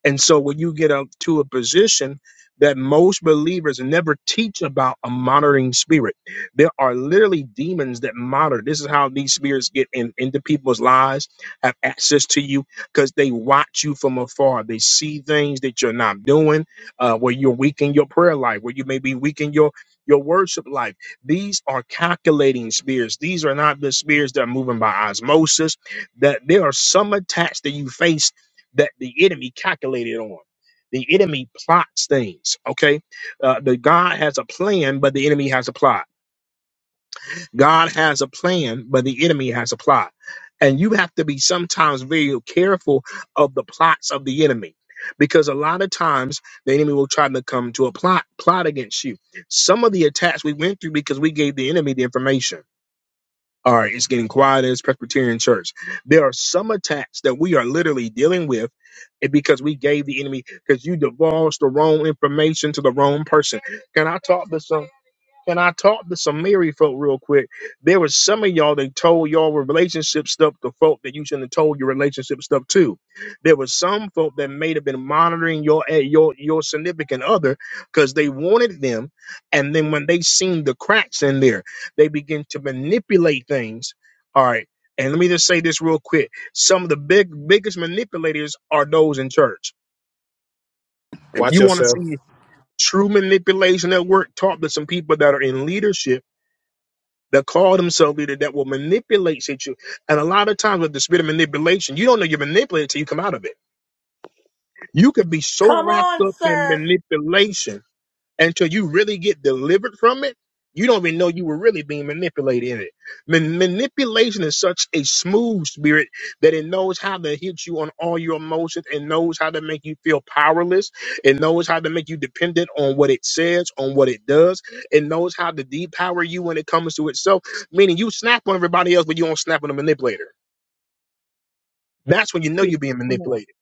Speaker 1: And so when you get up to a position that most believers never teach about a monitoring spirit, there are literally demons that monitor. This is how these spirits get in, into people's lives, have access to you because they watch you from afar. They see things that you're not doing, uh, where you're weak in your prayer life, where you may be weak in your your worship life. These are calculating spirits. These are not the spirits that are moving by osmosis. That there are some attacks that you face that the enemy calculated on. The enemy plots things. Okay, uh, the God has a plan, but the enemy has a plot. God has a plan, but the enemy has a plot. And you have to be sometimes very careful of the plots of the enemy, because a lot of times the enemy will try to come to a plot plot against you. Some of the attacks we went through because we gave the enemy the information all right, it's getting quiet as Presbyterian Church. There are some attacks that we are literally dealing with and because we gave the enemy, because you divulged the wrong information to the wrong person. Can I talk to some? Can I talk to some married folk real quick? There was some of y'all that told y'all relationship stuff to folk that you shouldn't have told your relationship stuff to. There was some folk that may have been monitoring your eh, your your significant other because they wanted them, and then when they seen the cracks in there, they begin to manipulate things. All right, and let me just say this real quick: some of the big biggest manipulators are those in church. If
Speaker 12: Watch
Speaker 1: you want to
Speaker 12: yourself.
Speaker 1: see true manipulation at work, talk to some people that are in leadership that call themselves leader that will manipulate you. And a lot of times with the spirit of manipulation, you don't know you're manipulated till you come out of it. You could be so
Speaker 2: Come
Speaker 1: wrapped
Speaker 2: on,
Speaker 1: up in
Speaker 2: sir.
Speaker 1: manipulation until you really get delivered from it, you don't even know you were really being manipulated in it. Man- manipulation is such a smooth spirit that it knows how to hit you on all your emotions. It knows how to make you feel powerless. It knows how to make you dependent on what it says, on what it does. It knows how to depower you when it comes to itself, meaning you snap on everybody else, but you don't snap on the manipulator. That's when you know you're being
Speaker 11: Come on.
Speaker 1: manipulated.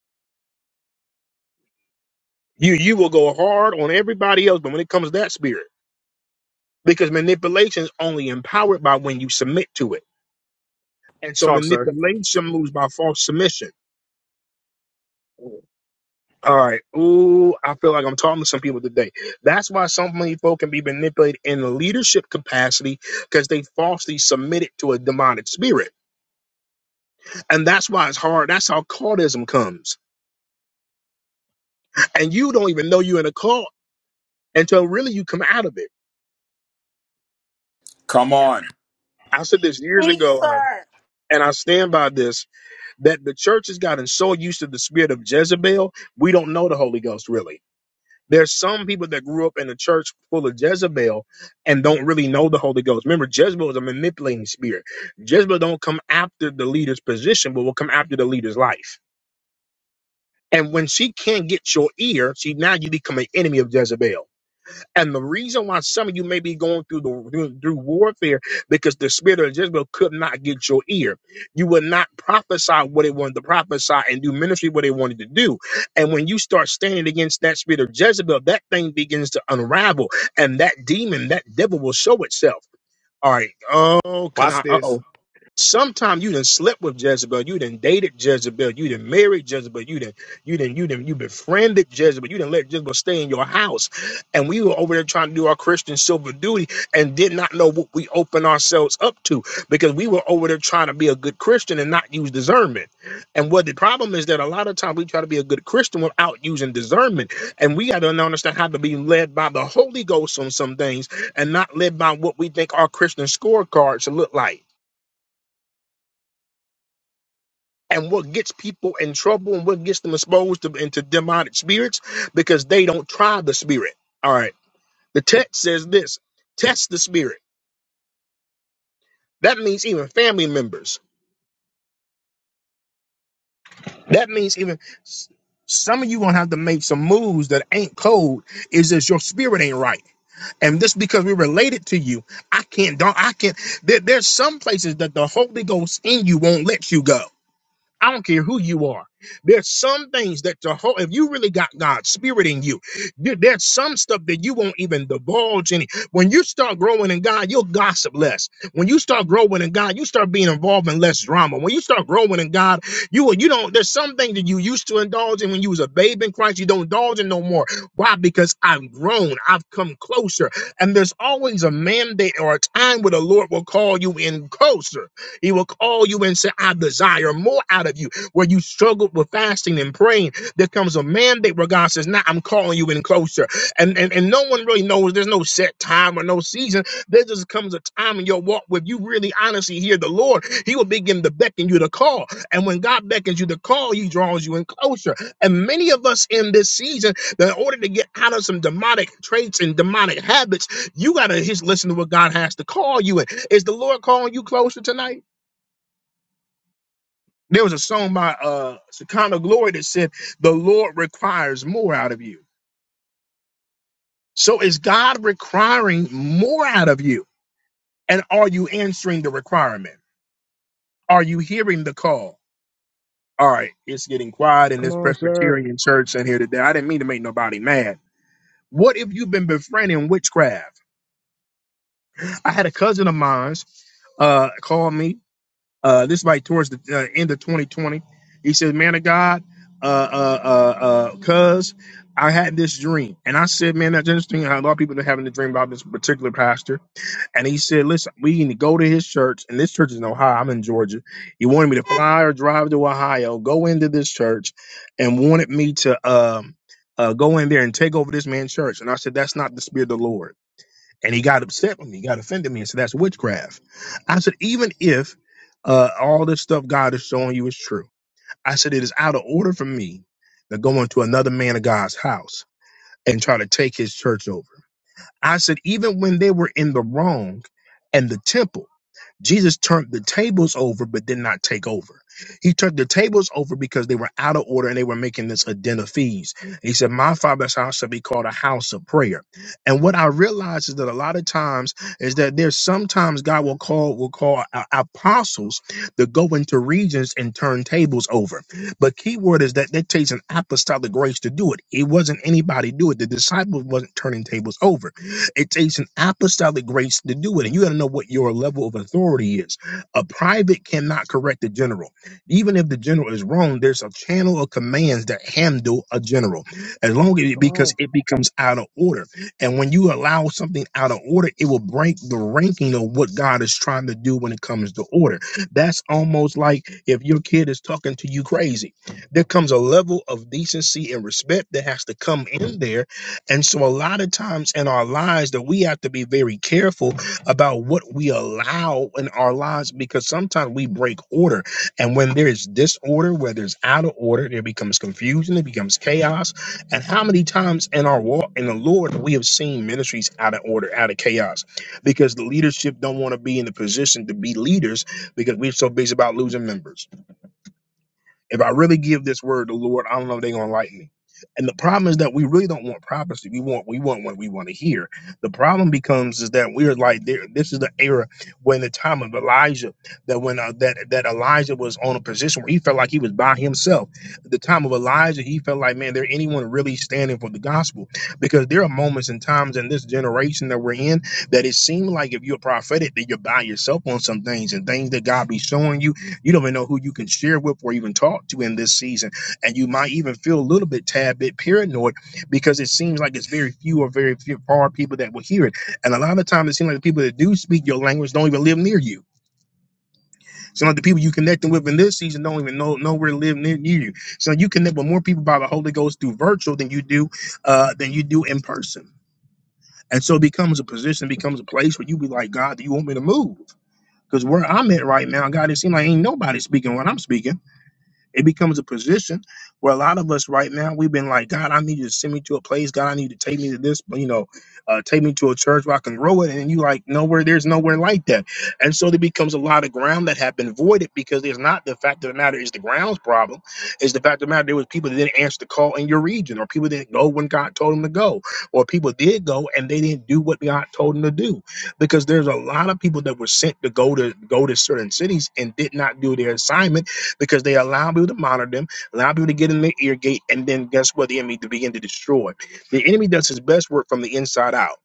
Speaker 1: You, you will go hard on everybody else, but when it comes to that spirit. because manipulation is only empowered by when you submit to it. And so
Speaker 12: Talk, sir.
Speaker 1: manipulation moves by false submission. All right. Ooh, I feel like I'm talking to some people today. That's why so many folk can be manipulated in the leadership capacity because they falsely submitted to a demonic spirit. And that's why it's hard. That's how cultism comes. And you don't even know you're in a cult until really you come out of it.
Speaker 16: Come on.
Speaker 1: I said this years
Speaker 2: Speak,
Speaker 1: ago, and I,
Speaker 2: sir.
Speaker 1: and I stand by this that the church has gotten so used to the spirit of Jezebel, we don't know the Holy Ghost really There's some people that grew up in a church full of Jezebel and don't really know the Holy Ghost. Remember, Jezebel is a manipulating spirit. Jezebel don't come after the leader's position, but will come after the leader's life. And when she can't get your ear, she now you become an enemy of Jezebel. And the reason why some of you may be going through the through, through warfare because the spirit of Jezebel could not get your ear. You would not prophesy what it wanted to prophesy and do ministry what it wanted to do. And when you start standing against that spirit of Jezebel, that thing begins to unravel, and that demon, that devil, will show itself. All right. Oh, can I?
Speaker 12: Watch
Speaker 1: Uh oh.
Speaker 12: this.
Speaker 1: Sometime you done slept with Jezebel, you done dated Jezebel, you done married Jezebel, you done you done you done you befriended Jezebel, you done let Jezebel stay in your house. And we were over there trying to do our Christian silver duty and did not know what we opened ourselves up to because we were over there trying to be a good Christian and not use discernment. And what the problem is that a lot of times we try to be a good Christian without using discernment. And we gotta understand how to be led by the Holy Ghost on some things and not led by what we think our Christian scorecard should look like. and what gets people in trouble and what gets them exposed to, into demonic spirits because they don't try the spirit. All right. The text says this test the spirit. That means even family members. That means even s- some of you gonna have to make some moves that ain't cold. Is just your spirit ain't right, and just because we're related to you, I can't. Don't I can't. There, there's some places that the Holy Ghost in you won't let you go I don't care who you are. There's some things that the whole, if you really got God's spirit in you, there- there's some stuff that you won't even divulge any. When you start growing in God, you'll gossip less. When you start growing in God, you start being involved in less drama. When you start growing in God, you will, you don't, there's some things that you used to indulge in when you was a babe in Christ, you don't indulge in no more. Why? Because I've grown, I've come closer. And there's always a mandate or a time where the Lord will call you in closer. He will call you and say, I desire more out of you. Where you struggled with fasting and praying, there comes a mandate where God says, Now I'm calling you in closer. And, and and no one really knows there's no set time or no season. There just comes a time in your walk where you really honestly hear the Lord. He will begin to beckon you to call. And when God beckons you to call, he draws you in closer. And many of us in this season, that in order to get out of some demonic traits and demonic habits, you gotta just listen to what God has to call you in. Is the Lord calling you closer tonight? There was a song by uh Sakana Glory that said, The Lord requires more out of you. So is God requiring more out of you? And are you answering the requirement? Are you hearing the call? All right, it's getting quiet in
Speaker 13: Come
Speaker 1: this
Speaker 13: on, sir.
Speaker 1: Presbyterian church in here today. I didn't mean to make nobody mad. What if you've been befriending witchcraft? I had a cousin of mine uh, called me Uh, this is like towards the uh, end of 2020. He said, "Man of God, uh, uh, uh, uh, cuz I had this dream, and I said, man, that's interesting. How a lot of people are having a dream about this particular pastor, and he said, listen, we need to go to his church, and this church is in Ohio. I'm in Georgia. He wanted me to fly or drive to Ohio, go into this church, and wanted me to um, uh, go in there and take over this man's church. And I said, that's not the spirit of the Lord." And he got upset with me, He got offended me, and said, That's witchcraft. I said, Even if uh, all this stuff God is showing you is true, I said, It is out of order for me to go into another man of God's house and try to take his church over. I said, Even when they were in the wrong and the temple, Jesus turned the tables over, but did not take over. He turned the tables over because they were out of order and they were making this addenda fees. He said, My father's house shall be called a house of prayer. And what I realize is that a lot of times is that there's sometimes God will call will call a- apostles to go into regions and turn tables over. But key word is that that takes an apostolic grace to do it. It wasn't anybody do it. The disciples wasn't turning tables over it takes an apostolic grace to do it. And you got to know what your level of authority is. A private cannot correct the general. Even if the general is wrong, there's a channel of commands that handle a general as long as
Speaker 13: Come on.
Speaker 1: because it becomes out of order. And when you allow something out of order, it will break the ranking of what God is trying to do when it comes to order. That's almost like if your kid is talking to you crazy. There comes a level of decency and respect that has to come in there and so, a lot of times in our lives, that we have to be very careful about what we allow in our lives because sometimes we break order. And when there is disorder, where there's out of order, there becomes confusion, it becomes chaos. And how many times in our walk in the Lord we have seen ministries out of order, out of chaos, because the leadership don't want to be in the position to be leaders because we're so busy about losing members. If I really give this word to the Lord, I don't know if they're gonna like me. And the problem is that we really don't want prophecy. We want we want what we want to hear. The problem becomes is that we're like there. This is the era when the time of Elijah that when uh, that that Elijah was on a position where he felt like he was by himself. The time of Elijah, he felt like man, there anyone really standing for the gospel? Because there are moments and times in this generation that we're in that it seems like if you're prophetic that you're by yourself on some things and things that God be showing you you don't even know who you can share with or even talk to in this season. And you might even feel a little bit, tad bit paranoid because it seems like it's very few or very few far people that will hear it. And a lot of times it seems like the people that do speak your language don't even live near you. So like the people you connecting with in this season don't even know nowhere live near, near you. So you connect with more people by the Holy Ghost through virtual than you do uh, than you do in person. And so it becomes a position, becomes a place where you be like, God, do you want me to move? Because where I'm at right now, God, it seems like ain't nobody speaking what I'm speaking. It becomes a position where a lot of us right now we've been like, God, I need you to send me to a place. God, I need you to take me to this, you know, uh, take me to a church where I can grow it. And you like nowhere, there's nowhere like that. And so there becomes a lot of ground that have been voided because there's not the fact of the matter is the ground's problem. It's the fact of the matter there was people that didn't answer the call in your region, or people didn't go when God told them to go, or people did go and they didn't do what God told them to do because there's a lot of people that were sent to go to go to certain cities and did not do their assignment because they allow people to monitor them, allow people to get in their ear gate, and then guess what? The enemy to begin to destroy. The enemy does his best work from the inside out.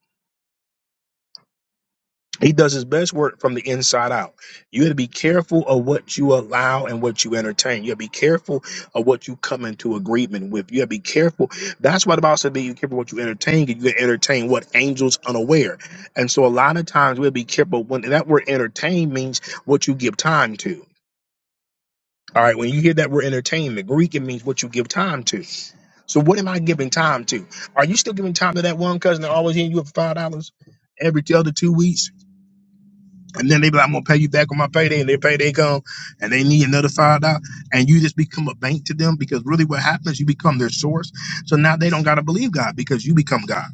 Speaker 1: He does his best work from the inside out. You got to be careful of what you allow and what you entertain. You got to be careful of what you come into agreement with. You got to be careful. That's why the Bible said, "Be careful what you entertain, because you entertain what angels unaware." And so, a lot of times, we'll be careful when and that word "entertain" means what you give time to. All right, when you hear that word entertainment, Greek, it means what you give time to. So what am I giving time to? Are you still giving time to that one cousin that always hitting you up for five dollars every t- other two weeks? And then they be like, I'm gonna pay you back on my payday, and their payday come and they need another five dollars, and you just become a bank to them because really what happens, you become their source. So now they don't gotta believe God because you become God.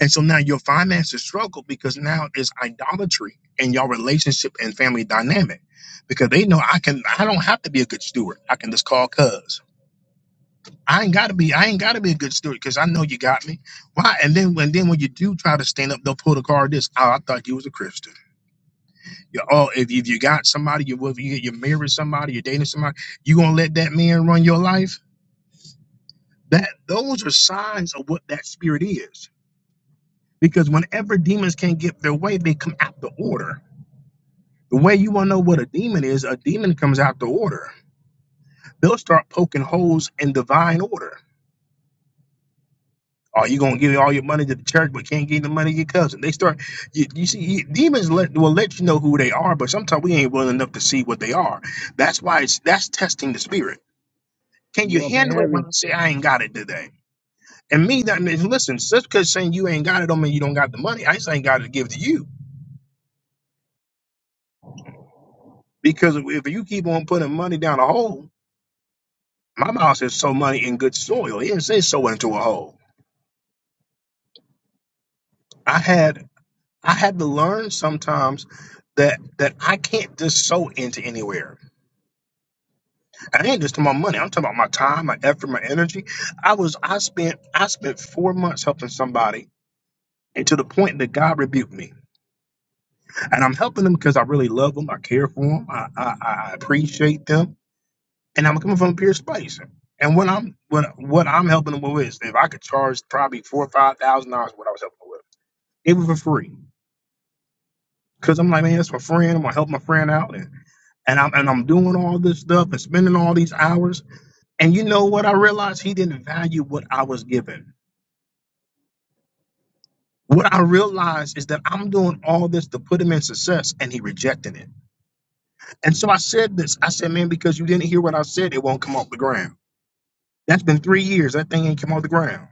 Speaker 1: And so now your finances struggle because now it's idolatry in your relationship and family dynamic. Because they know I can I don't have to be a good steward. I can just call cuz. I ain't gotta be. I ain't gotta be a good steward because I know you got me. Why? And then when then when you do try to stand up, they'll pull the card. This. Oh, I thought you was a Christian. You oh, if, if you got somebody, you with you you married somebody, you're dating somebody, you gonna let that man run your life? That those are signs of what that spirit is. Because whenever demons can't get their way, they come out the order. The way you wanna know what a demon is, a demon comes out the order. They'll start poking holes in divine order Oh, you gonna give all your money to the church, but can't give the money to your cousin. They start, you, you see, you- demons let, will let you know who they are, but sometimes we ain't willing enough to see what they are. That's why it's that's testing the spirit. Can you
Speaker 13: Walking
Speaker 1: handle it when
Speaker 13: heavy.
Speaker 1: I say I ain't got it today? And me, that means listen, just because saying you ain't got it don't mean you don't got the money. I just ain't got it to give to you because if if you keep on putting money down a hole, my mouth says sow money in good soil. It didn't say sow into a hole. I had I had to learn sometimes that that I can't just sow into anywhere. I ain't just talking about money. I'm talking about my time, my effort, my energy. I was I spent I spent four months helping somebody, and to the point that God rebuked me. And I'm helping them because I really love them, I care for them, I, I I appreciate them, and I'm coming from a pure space. And what I'm what what I'm helping them with is if I could charge probably four or five thousand dollars, what I was helping them with, it was for free. Cause I'm like, man, that's my friend. I'm gonna help my friend out, and and I'm and I'm doing all this stuff and spending all these hours And you know what I realized? He didn't value what I was given. What I realized is that I'm doing all this to put him in success and he rejected it. And so I said this. I said, man, because you didn't hear what I said, it won't come off the ground. That's been three years. That thing ain't come off the ground.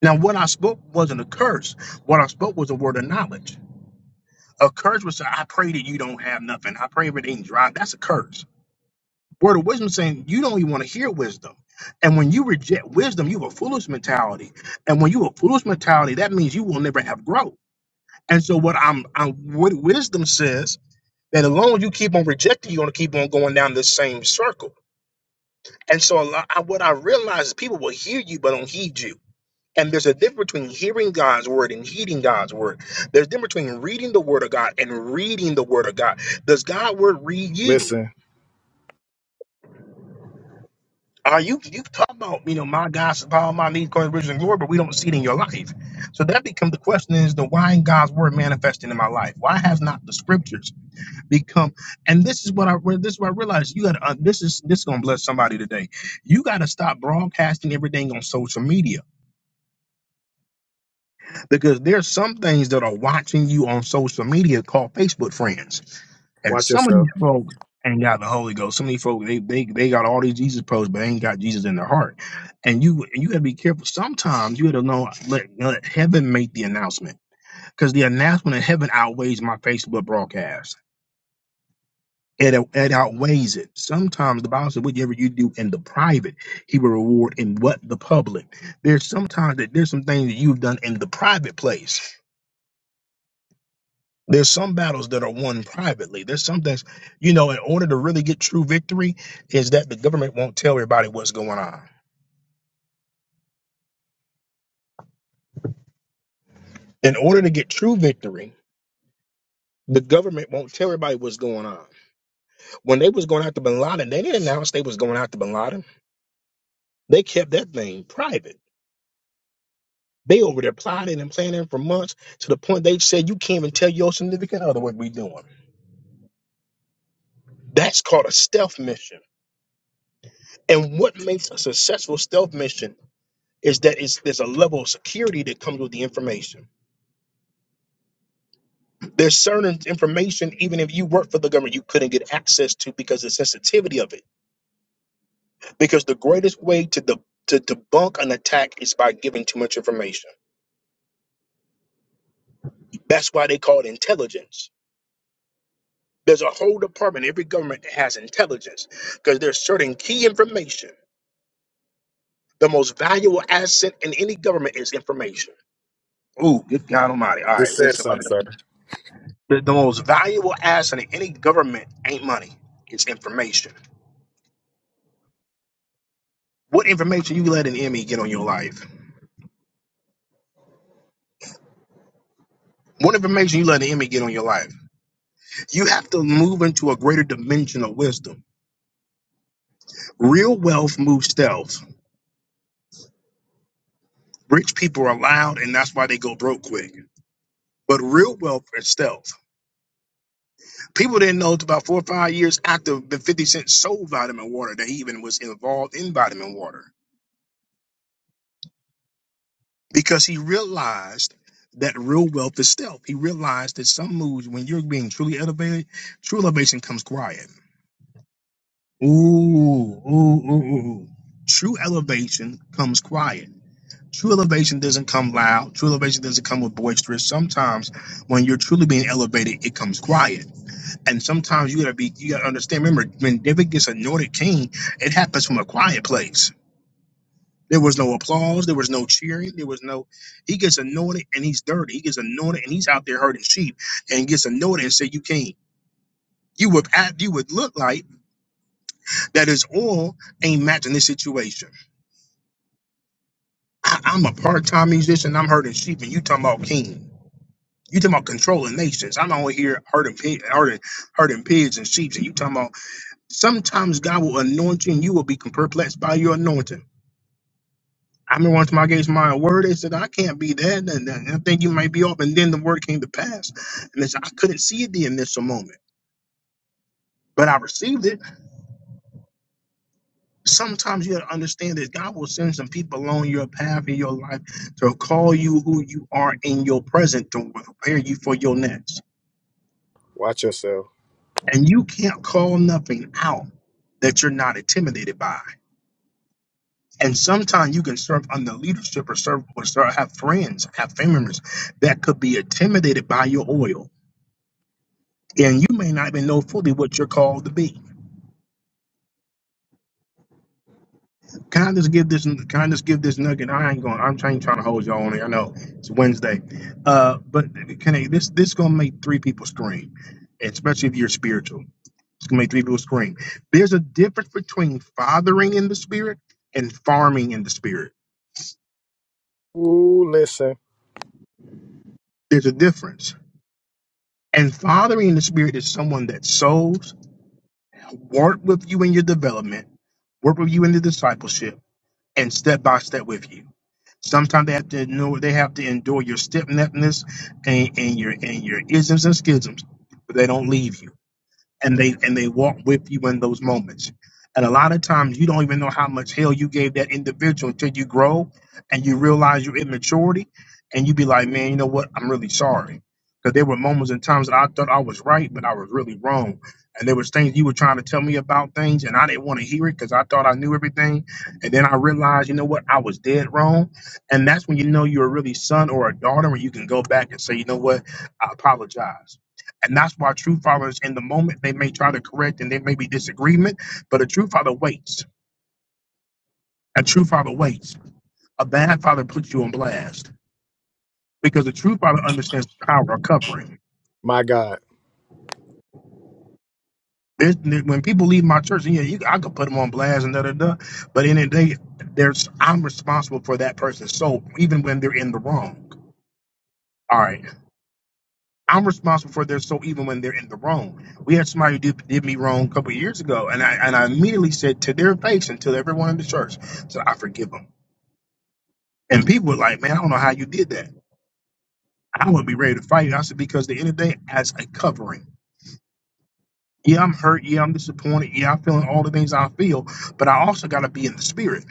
Speaker 1: Now, what I spoke wasn't a curse. What I spoke was a word of knowledge. A curse was, I pray that you don't have nothing. I pray everything dry. That's a curse. Word of wisdom saying you don't even want to hear wisdom. And when you reject wisdom, you have a foolish mentality. And when you have a foolish mentality, that means you will never have growth. And so what I'm, I'm what wisdom says that as long as you keep on rejecting, you're gonna keep on going down this same circle. And so a lot, I, what I realize is people will hear you but don't heed you. And there's a difference between hearing God's word and heeding God's word. There's a difference between reading the word of God and reading the word of God. Does God's word read you?
Speaker 12: Listen.
Speaker 1: Uh, you you talk about you know my God supply my needs according to his riches and glory, but we don't see it in your life. So that becomes the question: Is the why in God's word manifesting in my life? Why has not the scriptures become? And this is what I where- this is what I realized. You got to uh, this is this is gonna bless somebody today. You got to stop broadcasting everything on social media because there's some things that are watching you on social media called Facebook friends. And
Speaker 12: Watch
Speaker 1: some of
Speaker 12: yourself.
Speaker 1: these folk ain't got the Holy Ghost. Some of these folk, they they they got all these Jesus pros, but they ain't got Jesus in their heart. And you and you gotta be careful. Sometimes you gotta know let, let heaven make the announcement. Because the announcement in heaven outweighs my Facebook broadcast. It, it outweighs it. Sometimes the Bible says, whatever you do in the private, he will reward in what the public. There's sometimes that there's some things that you've done in the private place. There's some battles that are won privately. There's some things, you know, in order to really get true victory, is that the government won't tell everybody what's going on. In order to get true victory, the government won't tell everybody what's going on. When they was going after Bin Laden, they didn't announce they was going after Bin Laden. They kept that thing private. They over there plotting and planning for months to the point they said you can't even tell your significant other what we doing. That's called a stealth mission. And what makes a successful stealth mission is that it's, there's a level of security that comes with the information There's certain information, even if you work for the government, you couldn't get access to because of the sensitivity of it. Because the greatest way to de- to debunk an attack is by giving too much information. That's why they call it intelligence. There's a whole department, every government that has intelligence, because there's certain key information. The most valuable asset in any government is information. Ooh, good God Almighty! All
Speaker 12: Just
Speaker 1: right,
Speaker 12: said
Speaker 1: listen.
Speaker 12: something, sir.
Speaker 1: The, the most valuable asset in any government ain't money; it's information. What information you let an enemy get on your life? What information you let the enemy get on your life? You have to move into a greater dimension of wisdom. Real wealth moves stealth. Rich people are loud, and that's why they go broke quick. But real wealth is stealth. People didn't know it's about four or five years after the 50 Cent sold vitamin water that he even was involved in vitamin water because he realized that real wealth is stealth. He realized that some moves, when you're being truly elevated, true elevation comes quiet. Ooh, ooh, ooh, ooh. ooh. True elevation comes quiet. True elevation doesn't come loud. True elevation doesn't come with boisterous. Sometimes when you're truly being elevated, it comes quiet. And sometimes you gotta be you gotta understand. Remember, when David gets anointed king, it happens from a quiet place. There was no applause, there was no cheering, there was no he gets anointed and he's dirty. He gets anointed and he's out there herding sheep and gets anointed and say, You can't. You would act you would look like that his oil ain't matching this situation I, I'm a part-time musician. I'm hurting sheep, and you talking about king. You talking about controlling nations. I'm out here hurting, pig, hurting, hurting pigs and sheep, and you talking about. Sometimes God will anoint you, and you will be perplexed by your anointing. I remember one time I gave my word, they said, I can't be that, and, and and I think you might be off. And then the word came to pass. And they I couldn't see it the initial moment, but I received it. Sometimes you gotta understand that God will send some people along your path in your life to call you who you are in your present to prepare you for your next.
Speaker 12: Watch yourself.
Speaker 1: And you can't call nothing out that you're not intimidated by. And sometimes you can serve under leadership or serve or serve, have friends, have family members that could be intimidated by your oil. And you may not even know fully what you're called to be. Can I just give this? Can I just give this nugget? I ain't going. I'm trying, trying to hold y'all on it. I know it's Wednesday, uh, but can I? This this gonna make three people scream, especially if you're spiritual. It's gonna make three people scream. There's a difference between fathering in the spirit and farming in the spirit.
Speaker 12: Ooh, listen.
Speaker 1: There's a difference. And fathering in the spirit is someone that sows, work with you in your development, work with you in the discipleship and step by step with you. Sometimes they have to endure, they have to endure your stiffness and, and your and your isms and schisms, but they don't leave you and they and they walk with you in those moments. And a lot of times you don't even know how much hell you gave that individual until you grow and you realize your immaturity and you be like, man, you know what? I'm really sorry. Because there were moments and times that I thought I was right, but I was really wrong. And there was things you were trying to tell me about things and I didn't want to hear it because I thought I knew everything. And then I realized, you know what? I was dead wrong. And that's when you know you're really son or a daughter and you can go back and say, you know what? I apologize and that's why true fathers, in the moment, they may try to correct and there may be disagreement, but a true father waits. A true father waits. A bad father puts you on blast because a true father understands the power of covering.
Speaker 12: My God.
Speaker 1: There's, when people leave my church, yeah, you, I could put them on blast and da da da, but in the day, there's I'm responsible for that person's soul, even when they're in the wrong. All right. I'm responsible for their soul even when they're in the wrong. We had somebody who did, did me wrong a couple of years ago, and I and I immediately said to their face and to everyone in the church, so I forgive them. And people were like, "Man, I don't know how you did that." I would be ready to fight. I said because at the end of the day, as a covering. Yeah, I'm hurt. Yeah, I'm disappointed. Yeah, I'm feeling all the things I feel, but I also got to be in the spirit.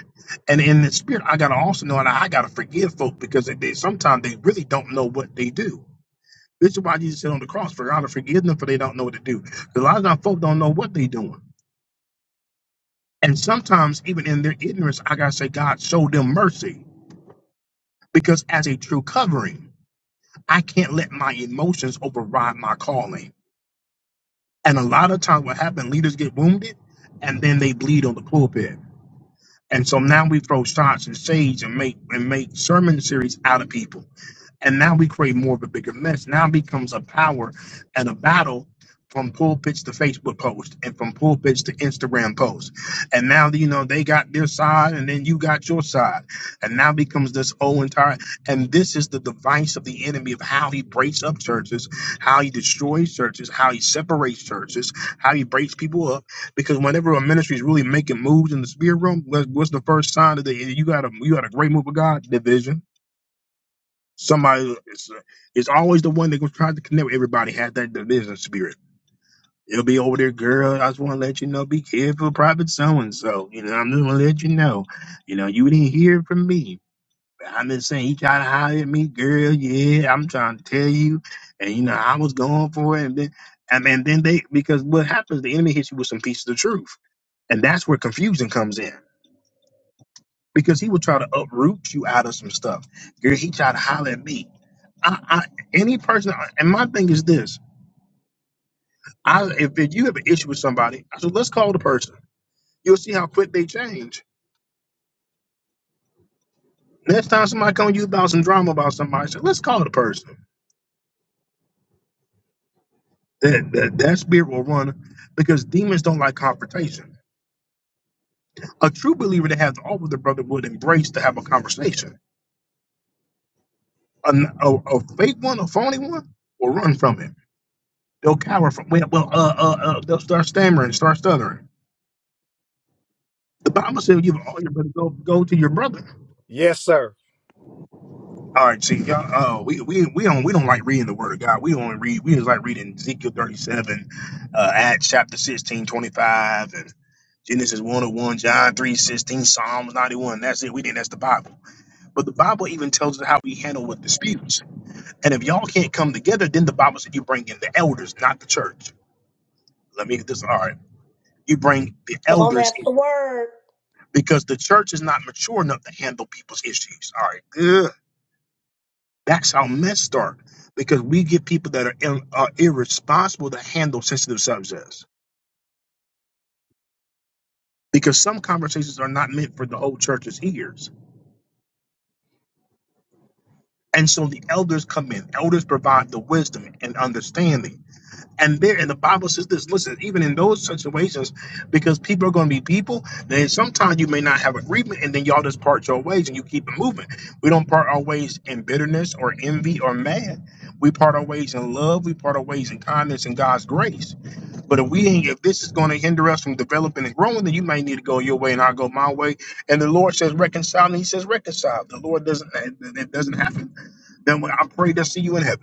Speaker 1: And in the spirit, I got to also know that I got to forgive folk because they, sometimes they really don't know what they do. This is why Jesus said on the cross, for God to forgive them, for they don't know what to do. A lot of our folk don't know what they're doing. And sometimes, even in their ignorance, I gotta say, God, show them mercy. Because as a true covering, I can't let my emotions override my calling. And a lot of times what happens, leaders get wounded and then they bleed on the pulpit. And so now we throw shots and shades and make and make sermon series out of people. And now we create more of a bigger mess. Now it becomes a power and a battle from pulpits to Facebook post and from pulpits to Instagram post. And now, you know, they got their side and then you got your side. And now becomes this whole entire, and this is the device of the enemy of how he breaks up churches, how he destroys churches, how he separates churches, how he breaks people up. Because whenever a ministry is really making moves in the spirit room, what- what's the first sign that they, you got a, you got a great move of God? Division Somebody is it's always the one that was trying to connect with everybody has that division spirit. It'll be over there, girl. I just want to let you know, be careful, private so and so. You know, I'm just gonna let you know. You know, you didn't hear it from me. I'm just saying, he tried to holler at me, girl. Yeah, I'm trying to tell you, and you know, I was going for it. And then, I mean, then they because what happens, the enemy hits you with some pieces of truth, and that's where confusion comes in because he will try to uproot you out of some stuff. Girl, he tried to holler at me. I, I, any person, and my thing is this: I, if, if you have an issue with somebody, I said, let's call the person. You'll see how quick they change. Next time somebody comes to you about some drama about somebody, say, let's call the person. That, that that spirit will run because demons don't like confrontation. A true believer that has all of the brother would embrace to have a conversation. A, a, a fake one, a phony one, will run from it. They'll cower from. Well, well uh, uh, uh, they'll start stammering, start stuttering. The Bible says, "Give all your brother go go to your brother."
Speaker 12: Yes, sir.
Speaker 1: All right, see, y'all, uh, we, we we don't we don't like reading the Word of God. We only read we just like reading Ezekiel thirty seven, uh, Acts chapter 16 25, and Genesis one and one, John three sixteen, Psalms ninety one. That's it. We think that's the Bible. But the Bible even tells us how we handle with disputes. And if y'all can't come together, then the Bible said you bring in the elders, not the church. Let me get this all right. You bring the
Speaker 2: Come on,
Speaker 1: elders
Speaker 2: that's
Speaker 1: in
Speaker 2: the word.
Speaker 1: because the church is not mature enough to handle people's issues. All right. Ugh. That's how mess start because we get people that are, ir- are irresponsible to handle sensitive subjects because some conversations are not meant for the whole church's ears. And so the elders come in. Elders provide the wisdom and understanding And there, and the Bible says this. Listen, even in those situations, because people are going to be people, then sometimes you may not have agreement, and then y'all just part your ways and you keep it moving. We don't part our ways in bitterness or envy or mad. We part our ways in love. We part our ways in kindness and God's grace. But if we ain't, if this is going to hinder us from developing and growing, then you may need to go your way and I'll go my way. And the Lord says reconcile, and He says reconcile. The Lord doesn't. It doesn't happen. Then I pray to see you in heaven.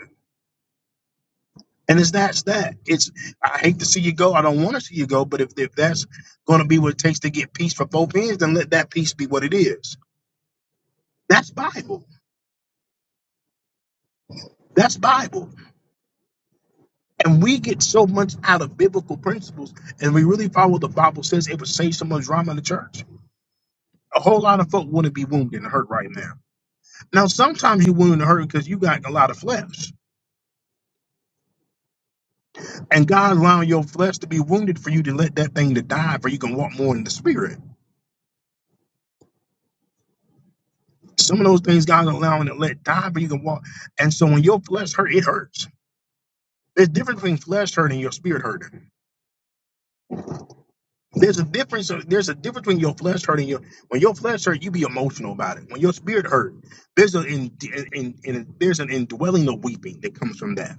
Speaker 1: And it's that's that. It's I hate to see you go. I don't want to see you go. But if, if that's going to be what it takes to get peace for both ends, then let that peace be what it is. That's Bible. That's Bible. And we get so much out of biblical principles, and we really follow what the Bible says. It would save so much drama in the church. A whole lot of folk wouldn't be wounded and hurt right now. Now, sometimes you're wounded and hurt because you got a lot of flesh, and God allowing your flesh to be wounded for you to let that thing to die, for you can walk more in the spirit. Some of those things God's allowing to let die, but you can walk. And so when your flesh hurt, it hurts. There's a difference between flesh hurting and your spirit hurting. There's a difference. There's a difference between your flesh hurting your. When your flesh hurt, you be emotional about it. When your spirit hurt, there's an in, in, in, there's an indwelling of weeping that comes from that.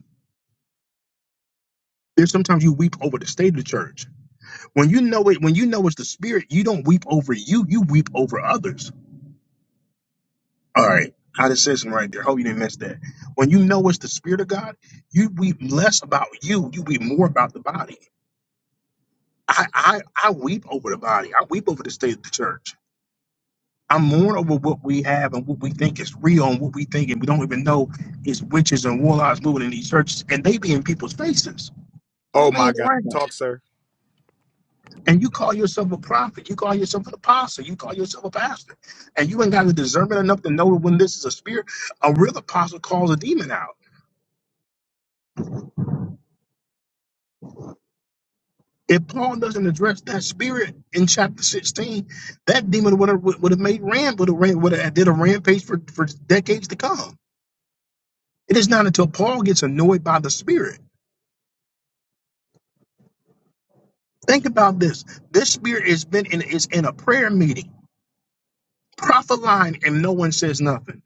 Speaker 1: There's sometimes you weep over the state of the church. When you know it, when you know it's the spirit, you don't weep over you. You weep over others All right. Hot decision right there. Hope you didn't miss that. When you know it's the spirit of God, you weep less about you. You weep more about the body. I I, I weep over the body. I weep over the state of the church. I mourn over what we have and what we think is real and what we think and we don't even know is witches and warlocks moving in these churches and they be in people's faces
Speaker 12: Oh, my
Speaker 1: playing
Speaker 12: God.
Speaker 1: around.
Speaker 12: Talk, sir.
Speaker 1: And you call yourself a prophet, you call yourself an apostle, you call yourself a pastor, and you ain't got the discernment enough to know when this is a spirit. A real apostle calls a demon out. If Paul doesn't address that spirit in chapter 16, that demon would have would have made ram would have ran would have did a rampage for, for decades to come. It is not until Paul gets annoyed by the spirit. Think about this. This spirit has been in is in a prayer meeting, prophet line, and no one says nothing.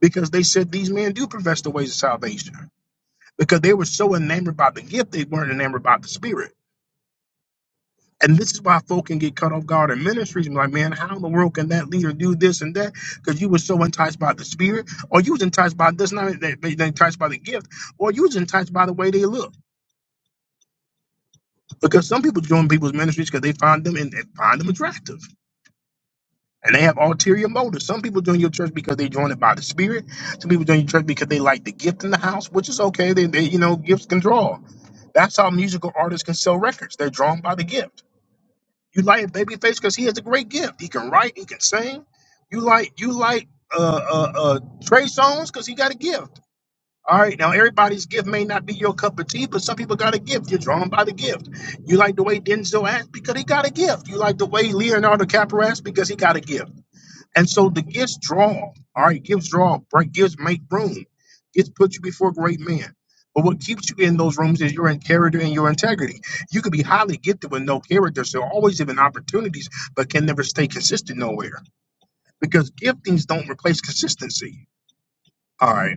Speaker 1: Because they said these men do profess the ways of salvation. Because they were so enamored by the gift, they weren't enamored by the spirit. And this is why folk can get cut off guard in ministries and be like, man, how in the world can that leader do this and that? Because you were so enticed by the spirit, or you was enticed by this, not they, they, enticed by the gift, or you was enticed by the way they look. Because some people join people's ministries because they find them and, and find them attractive. And they have ulterior motives. Some people join your church because they join it by the spirit. Some people join your church because they like the gift in the house, which is okay. They, they you know, gifts can draw. That's how musical artists can sell records. They're drawn by the gift. You like Babyface because he has a great gift. He can write, he can sing. You like you like uh uh, uh Trey Songz because he got a gift. All right, now everybody's gift may not be your cup of tea, but some people got a gift. You're drawn by the gift. You like the way Denzel acts because he got a gift. You like the way Leonardo DiCaprio acts because he got a gift. And so the gifts draw. All right, gifts draw. Right, gifts make room. Gifts put you before great men. But what keeps you in those rooms is your in- character and your integrity. You could be highly gifted with no character, so always given opportunities, but can never stay consistent nowhere because giftings don't replace consistency. All right.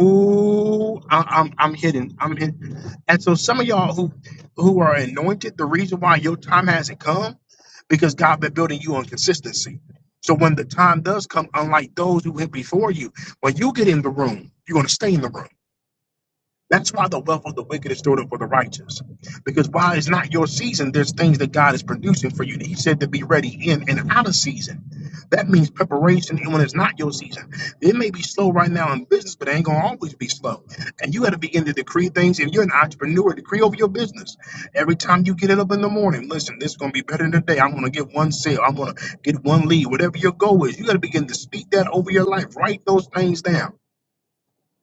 Speaker 1: Ooh, I, I'm I'm hitting. I'm hitting. And so some of y'all who who are anointed, the reason why your time hasn't come, because God been building you on consistency. So when the time does come, unlike those who went before you, when you get in the room, you're gonna stay in the room. That's why the wealth of the wicked is stored up for the righteous. Because while it's not your season, there's things that God is producing for you. He said to be ready in and out of season. That means preparation. And when it's not your season, it may be slow right now in business, but it ain't gonna always be slow. And you got to begin to decree things. If you're an entrepreneur, decree over your business. Every time you get it up in the morning, listen, this is gonna be better than today. I'm gonna get one sale. I'm gonna get one lead. Whatever your goal is, you got to begin to speak that over your life. Write those things down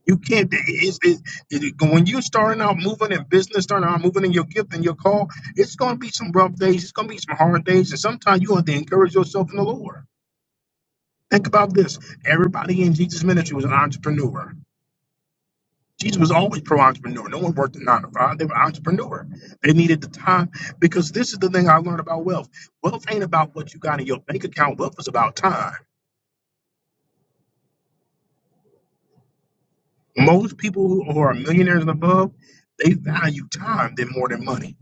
Speaker 1: you can't. It's, it's, it, when you're starting out moving in business, starting out moving in your gift and your call, it's going to be some rough days. It's going to be some hard days, and sometimes you have to encourage yourself in the Lord. Think about this: everybody in Jesus' ministry was an entrepreneur. Jesus was always pro-entrepreneur. No one worked a nine to five. They were entrepreneur. They needed the time because this is the thing I learned about wealth. Wealth ain't about what you got in your bank account. Wealth is about time. Most people who are millionaires and above, they value time than more than money.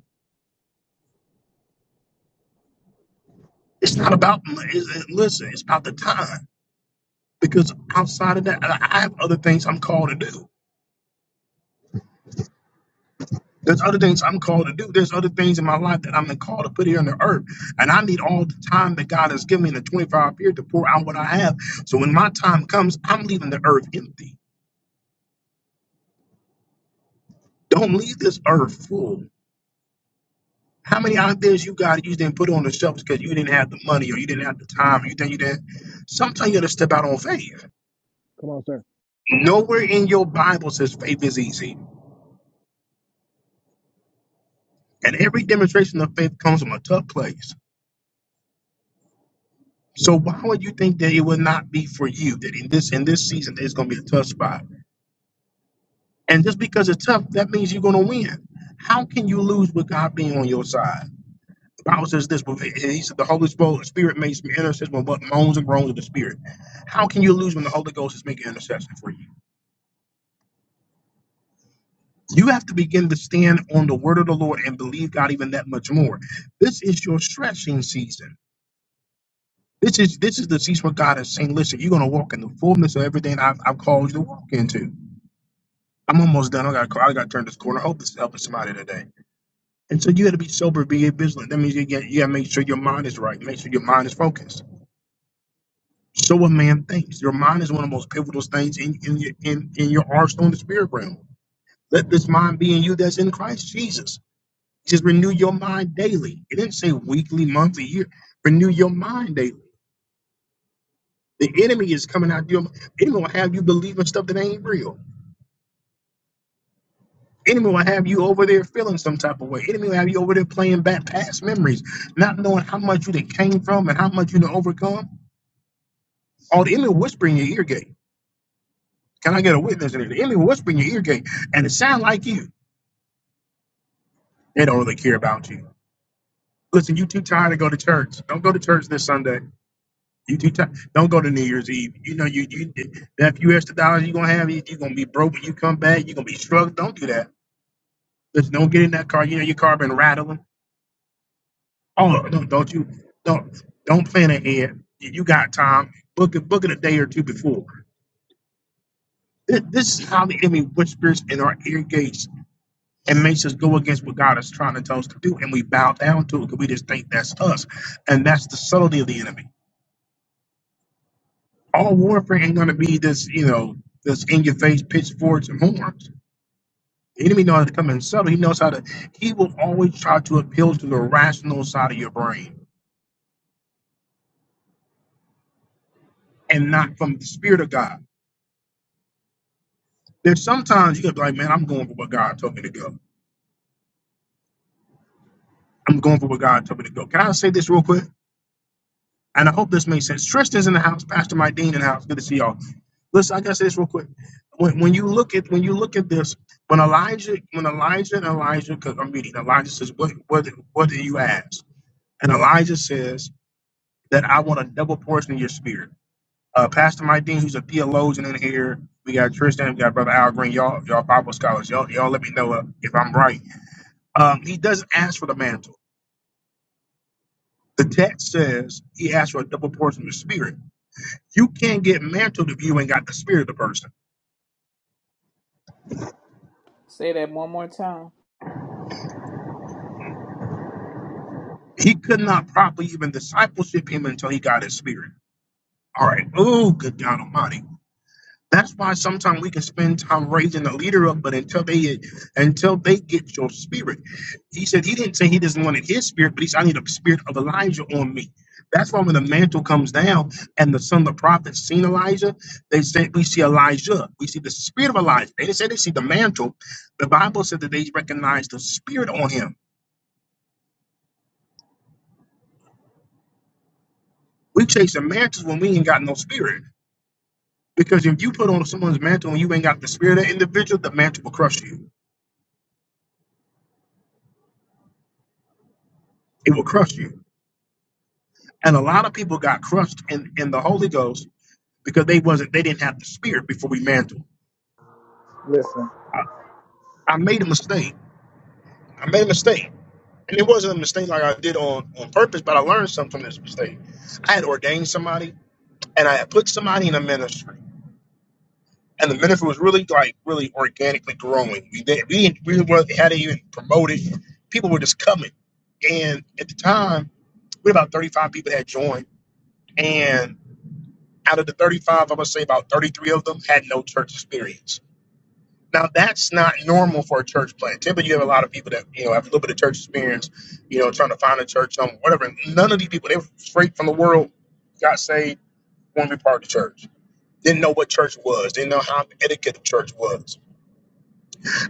Speaker 1: It's not about it's, it- listen. It's about the time because outside of that, I I have other things I'm called to do. There's other things I'm called to do. There's other things in my life that I'm called to put here on the earth, and I need all the time that God has given me in a 24-hour period to pour out what I have. So when my time comes, I'm leaving the earth empty. Don't leave this earth full. How many ideas you got you didn't put on the shelves because you didn't have the money or you didn't have the time or you think you didn't? Sometimes you got to step out on faith.
Speaker 13: Come on, sir.
Speaker 1: Nowhere in your Bible says faith is easy. And every demonstration of faith comes from a tough place. So why would you think that it would not be for you that in this in this season there's gonna be a tough spot? And just because it's tough, that means you're gonna win. How can you lose with God being on your side? The Bible says this, but he he said the Holy Spo- Spirit makes intercession with what moans and groans of the Spirit. How can you lose when the Holy Ghost is making intercession for you? You have to begin to stand on the word of the Lord and believe God even that much more. This is your stretching season. This is this is the season where God is saying, "Listen, you're gonna walk in the fullness of everything I've, I've called you to walk into." I'm almost done. I got I got to turn this corner. I hope this is helping somebody today. And so you got to be sober, be vigilant. That means you got you got to make sure your mind is right. Make sure your mind is focused. So a man thinks. Your mind is one of the most pivotal things in in your, in, in your arsenal in the spirit realm. Let this mind be in you that's in Christ Jesus. Just renew your mind daily. It didn't say weekly, monthly, year. Renew your mind daily. The enemy is coming out your enemy will have you believing stuff that ain't real. Enemy will have you over there feeling some type of way. Enemy will have you over there playing back past memories, not knowing how much you done came from and how much you done overcome. All the enemy whispering your ear gate. Can I get a witness in it? The enemy whispering your ear gate, and it sound like you. They don't really care about you. Listen, you too tired to go to church. Don't go to church this Sunday. You too tired. Don't go to New Year's Eve. You know you you that few extra dollars you gonna have, you you gonna be broke when you come back. You are gonna be struggling. Don't do that. Just don't get in that car. You know your car been rattling. Oh no, don't you don't don't plan ahead. You you got time. Book it book it a day or two before. This, this is how the enemy whispers in our ear gates and makes us go against what God is trying to tell us to do, and we bow down to it because we just think that's us, and that's the subtlety of the enemy. All warfare ain't gonna be this, you know, this in your face pitchforks and horns. The enemy knows how to come in subtle. He knows how to. He will always try to appeal to the rational side of your brain and not from the Spirit of God. There's sometimes you can be like, man, I'm going for what God told me to go. I'm going for what God told me to go. Can I say this real quick? And I hope this makes sense. Tristan's in the house, Pastor Mike Dean in the house. Good to see y'all. Listen, I gotta say this real quick. When, when you look at when you look at this, when Elijah, when Elijah and Elijah, because I'm reading, Elijah says, "What what what do you ask?" And Elijah says that I want a double portion of your spirit. Uh, Pastor Mike Dean, who's a theologian in here. We got Tristan. We got Brother Al Green. Y'all, y'all Bible scholars. Y'all, y'all let me know uh, if I'm right. Um, he doesn't ask for the mantle. The text says he asked for a double portion of the spirit. You can't get mantled if you ain't got the spirit of the person.
Speaker 4: Say that one more time.
Speaker 1: He could not properly even discipleship him until he got his spirit. All right. Oh, good God Almighty. That's why sometimes we can spend time raising the leader up, but until they until they get your spirit, he said he didn't say he doesn't want it his spirit, but he said I need a spirit of Elijah on me. That's why when the mantle comes down and the son of the prophet seen Elijah, they said we see Elijah, we see the spirit of Elijah. They didn't say they see the mantle. The Bible said that they recognized the spirit on him. We chasing mantles when we ain't got no spirit. Because if you put on someone's mantle and you ain't got the spirit of that individual, the mantle will crush you. It will crush you. And a lot of people got crushed in, in the Holy Ghost because they wasn't they didn't have the spirit before we mantled.
Speaker 12: Listen.
Speaker 1: I made a mistake. I made a mistake. And it wasn't a mistake like I did on, on purpose, but I learned something from this mistake. I had ordained somebody and I had put somebody in a ministry. And the ministry was really like really organically growing. We didn't we didn't we weren't- hadn't even promoted. People were just coming. And at the time, we had about 35 people had joined. And out of the 35, I'm gonna say about 33 of them had no church experience Now that's not normal for a church plant. Typically, you have a lot of people that you know have a little bit of church experience, you know, trying to find a church, um, whatever. None of these people, they were straight from the world, got saved, want to be part of the church. Didn't know what church was. Didn't know how the etiquette of church was.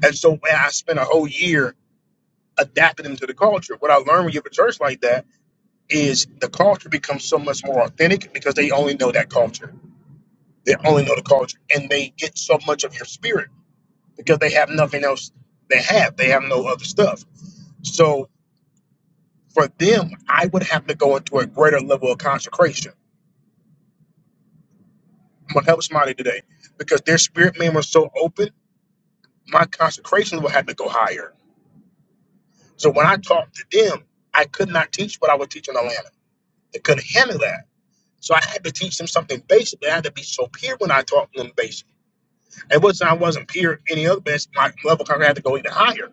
Speaker 1: And so, man, I spent a whole year adapting them to the culture. What I learned when you have a church like that is the culture becomes so much more authentic because they only know that culture. They only know the culture, and they get so much of your spirit because they have nothing else. They have. They have no other stuff. So for them, I would have to go into a greater level of consecration. I'm gonna help somebody today because their spirit man was so open, my consecration would have to go higher. So when I talked to them, I could not teach what I was teaching in Atlanta. They couldn't handle that. So I had to teach them something basic. They had to be so pure when I taught them basic. It wasn't I wasn't pure any other best. My level kind of consecration had to go even higher.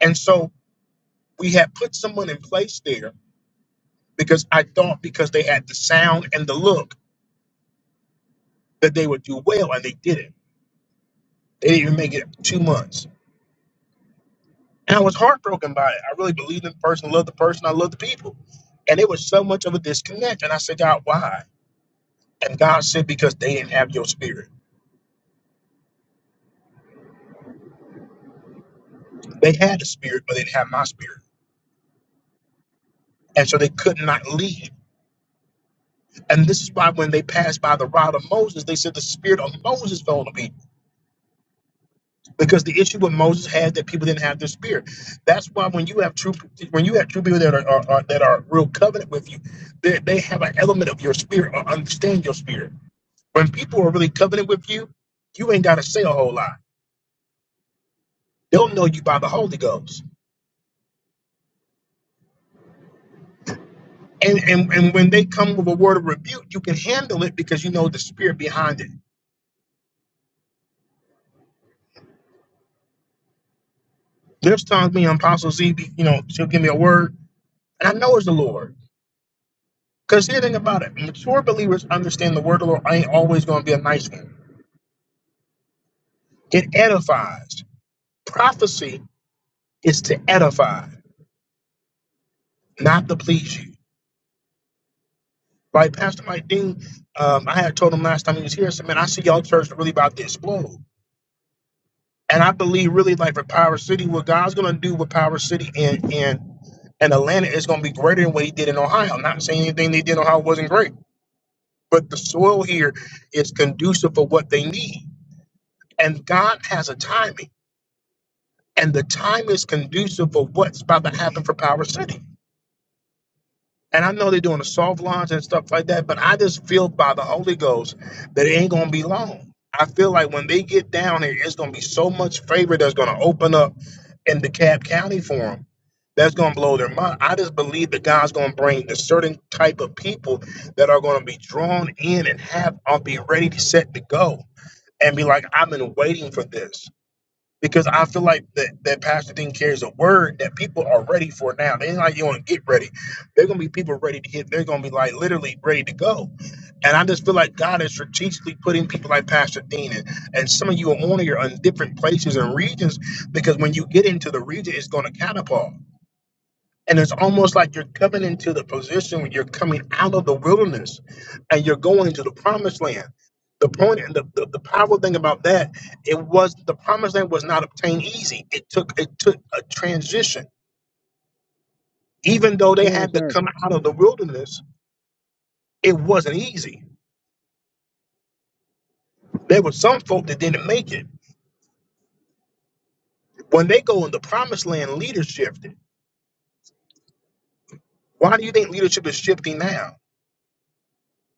Speaker 1: And so we had put someone in place there because I thought because they had the sound and the look that they would do well, and they didn't They didn't even make it two months. And I was heartbroken by it. I really believed in the person, loved the person, I loved the people. And it was so much of a disconnect. And I said, God, why? And God said, because they didn't have your spirit. They had the spirit, but they didn't have my spirit. And so they could not lead. And this is why when they passed by the rod of Moses, they said the spirit of Moses fell on the people. Because the issue with Moses had that people didn't have their spirit. That's why when you have true when you have true people that are, are, are that are real covenant with you, they, they have an element of your spirit or understand your spirit When people are really covenant with you, you ain't got to say a whole lot. They'll know you by the Holy Ghost. And, and and when they come with a word of rebuke, you can handle it because you know the spirit behind it. There's times me and Apostle Z, be- you know, she'll give me a word, and I know it's the Lord. Because here's the thing about it, mature believers understand the word of the Lord ain't always going to be a nice one. It edifies. Prophecy is to edify, not to please you. Like Pastor Mike Dean, um, I had told him last time he was here, I said, man, I see y'all church really about to explode. And I believe really like for Power City, what God's gonna do with Power City and and and Atlanta is gonna be greater than what he did in Ohio. I'm not saying anything they did in Ohio wasn't great, but the soil here is conducive for what they need. And God has a timing. And the time is conducive for what's about to happen for Power City. And I know they're doing a soft launch and stuff like that, but I just feel by the Holy Ghost that it ain't gonna be long. I feel like when they get down here, it's gonna be so much favor that's gonna open up in DeKalb County for them. That's gonna blow their mind. I just believe that God's gonna bring a certain type of people that are gonna be drawn in and have are be ready to set to go and be like, I've been waiting for this because I feel like that, that Pastor Dean carries a word that people are ready for now. They ain't like you want to get ready. They're gonna be people ready to hit. They're gonna be like literally ready to go. And I just feel like God is strategically putting people like Pastor Dean and, and some of you are on here on different places and regions because when you get into the region, it's gonna catapult. And it's almost like you're coming into the position when you're coming out of the wilderness and you're going into the promised land. The point and the, the, the powerful thing about that, it was the promised land was not obtained easy. It took it took a transition. Even though they
Speaker 13: Come on,
Speaker 1: had to
Speaker 13: sir.
Speaker 1: come out of the wilderness, it wasn't easy. There were some folk that didn't make it. When they go in the promised land, leaders shifted. Why do you think leadership is shifting now?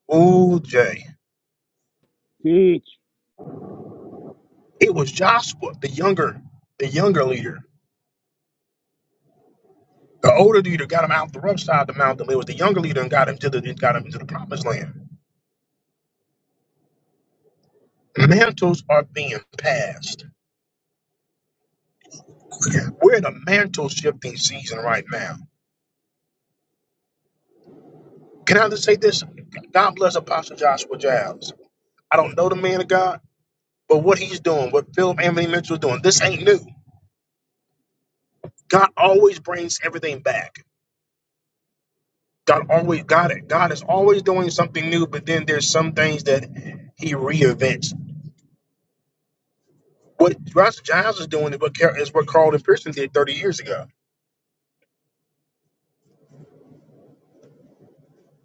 Speaker 1: Oh, Jay.
Speaker 13: Teach.
Speaker 1: It was Joshua, the younger, the younger leader The older leader got him out the rough side of the mountain. It was the younger leader and got him to the got him into the promised land. Mantles are being passed. We're in a mantle shifting season right now. Can I just say this? God bless Apostle Joshua Giles. I don't know the man of God, but what he's doing, what Philip Anthony Mitchell is doing, this ain't new. God always brings everything back. God always got it. God is always doing something new, but then there's some things that he reinvents. What Joshua Giles is doing is what, Car- is what Carlton Pearson did 30 years ago.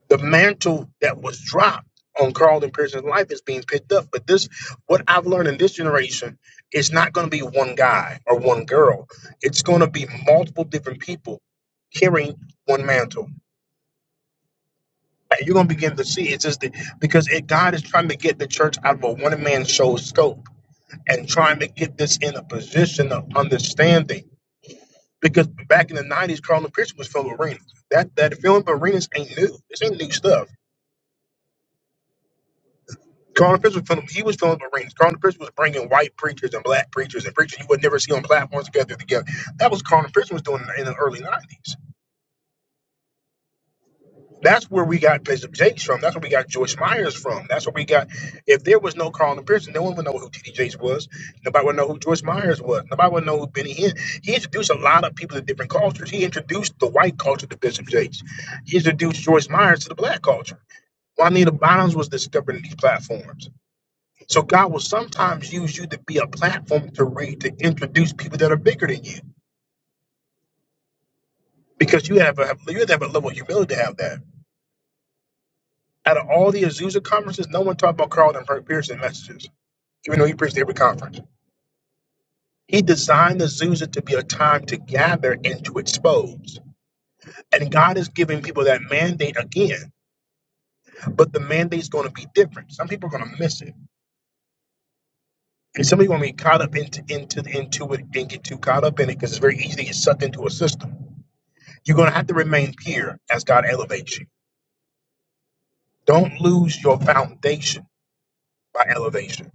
Speaker 1: the mantle that was dropped on Carlton Pearson's life is being picked up. But this, what I've learned in this generation, is not going to be one guy or one girl. It's going to be multiple different people carrying one mantle. And you're going to begin to see it's just the, because it, God is trying to get the church out of a one man show scope and trying to get this in a position of understanding. Because back in the 90s, Carlton Pearson was filming arenas. That that film arenas ain't new. This ain't new stuff Carl Fish was filling, he was filling the rings. Carl Fish was bringing white preachers and black preachers and preachers you would never see on platforms together together. That was Carl Fish was doing in the early 90s. That's where we got Bishop Jakes from. That's where we got Joyce Myers from. That's where we got, if there was no Carl Pearson, no one would know who T.D. Jakes was. Nobody would know who Joyce Myers was. Nobody would know who Benny Hinn. He introduced a lot of people to different cultures. He introduced the white culture to Bishop Jakes. He introduced Joyce Myers to the black culture. Juanita Bonds was discovering these platforms So God will sometimes use you to be a platform to read to introduce people that are bigger than you because you have a you have to have a level of humility to have that. Out of all the Azusa conferences, no one talked about Carlton Pearson messages, even though he preached every conference. He designed the Azusa to be a time to gather and to expose. And God is giving people that mandate again, but the mandate's going to be different. Some people are going to miss it, and some people are going to be caught up into into into it and get too caught up in it because it's very easy to get sucked into a system. You're going to have to remain pure as God elevates you. Don't lose your foundation by elevation.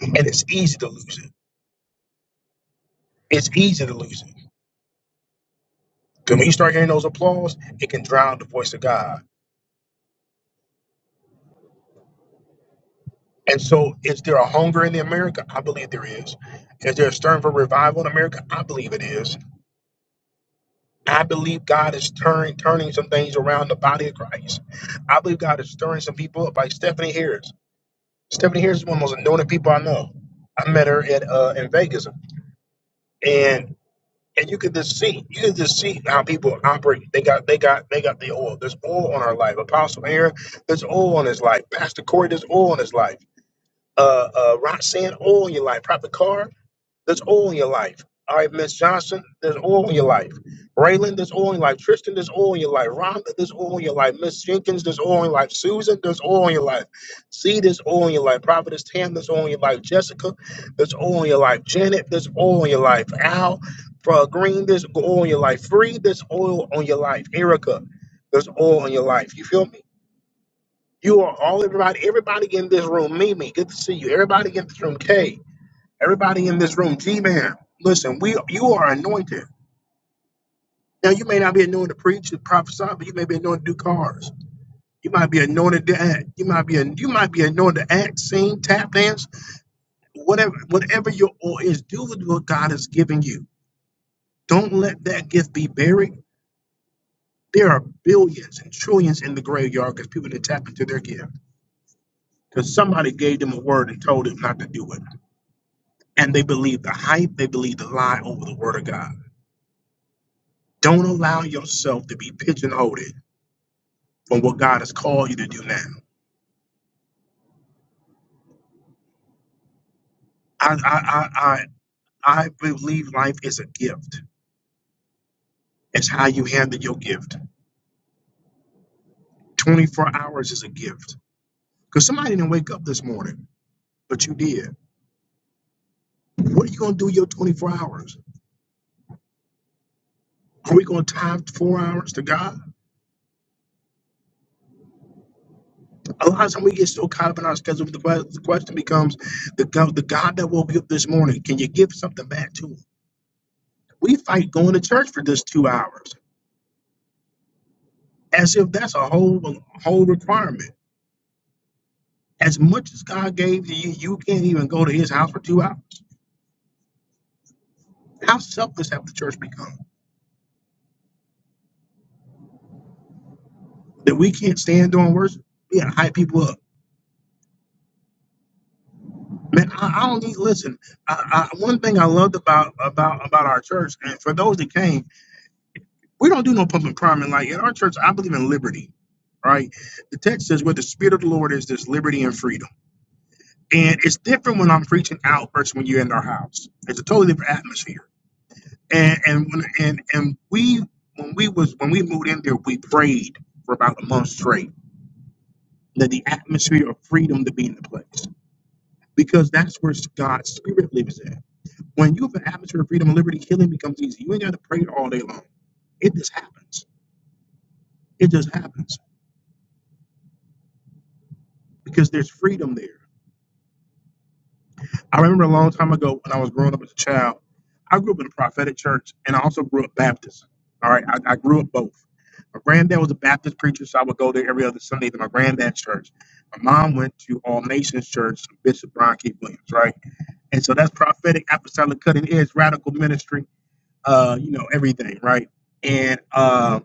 Speaker 1: And it's easy to lose it. It's easy to lose it. Because when you start hearing those applause, it can drown the voice of God. And so, is there a hunger in the America? I believe there is. Is there a stirring for revival in America? I believe it is. I believe God is turning turning some things around the body of Christ. I believe God is stirring some people up, like Stephanie Harris. Stephanie Harris is one of the most anointed people I know. I met her at uh, in Vegas, and and you can just see, you can just see how people operate. They got, they got, they got the oil. There's oil on our life. Apostle Aaron, there's oil on his life. Pastor Corey, there's oil on his life. Uh, uh, Roxanne, oil on your life. Prophet Carr, there's oil in your life. All right, Miss Johnson, there's oil in your life. Raylan, there's oil in your life. Tristan, there's oil in your life. Rhonda, there's oil in your life. Miss Jenkins, there's oil in your life. Susan, there's oil in your life. C, there's oil in your life. Prophetess Tam, there's oil in your life. Jessica, there's oil in your life. Janet, there's oil in your life. Al, uh, Green, there's oil in your life. Free, there's oil on your life. Erica, there's oil in your life. You feel me? You are all everybody, everybody in this room. Mimi, good to see you. Everybody in this room. Kay. Everybody in this room, G-Man, listen, we you are anointed. Now you may not be anointed to preach and prophesy, but you may be anointed to do cars. You might be anointed to act. You might be you might be anointed to act, sing, tap dance, whatever whatever your oil is, do with what God has given you. Don't let that gift be buried. There are billions and trillions in the graveyard because people didn't tap into their gift. Because somebody gave them a word and told them not to do it. And they believe the hype, they believe the lie over the word of God. Don't allow yourself to be pigeonholed from what God has called you to do now. I I I I, I believe life is a gift. It's how you handle your gift. 24 hours is a gift. Because somebody didn't wake up this morning, but you did. What are you gonna do with your 24 hours? Are we gonna time four hours to God? A lot of times we get so caught up in our schedule. The que- the question becomes, the God, the God that woke you up this morning, can you give something back to him? We fight going to church for just two hours, as if that's a whole whole requirement. As much as God gave to you, you can't even go to his house for two hours. How selfless have the church become that we can't stand doing worship? We gotta hype people up. Man, I, I don't need listen. I, I, one thing I loved about about about our church, and for those that came, we don't do no pump and priming. Like in our church, I believe in liberty. Right? The text says where the spirit of the Lord is, there's liberty and freedom. And it's different when I'm preaching out versus when you're in our house. It's a totally different atmosphere. and and when- and and we when we was when we moved in there, we prayed for about a month straight that the atmosphere of freedom to be in the place because that's where God's spirit lives at. When you have an atmosphere of freedom and liberty, healing becomes easy. You ain't got to pray all day long. It just happens. It just happens because there's freedom there. I remember a long time ago when I was growing up as a child, I grew up in a prophetic church and I also grew up Baptist. All right, I, I grew up both. My granddad was a Baptist preacher, so I would go there every other Sunday to my granddad's church. My mom went to All Nations Church, Bishop Brian K. Williams, right? And so that's prophetic, apostolic, cutting edge, radical ministry, uh, you know, everything, right? And um,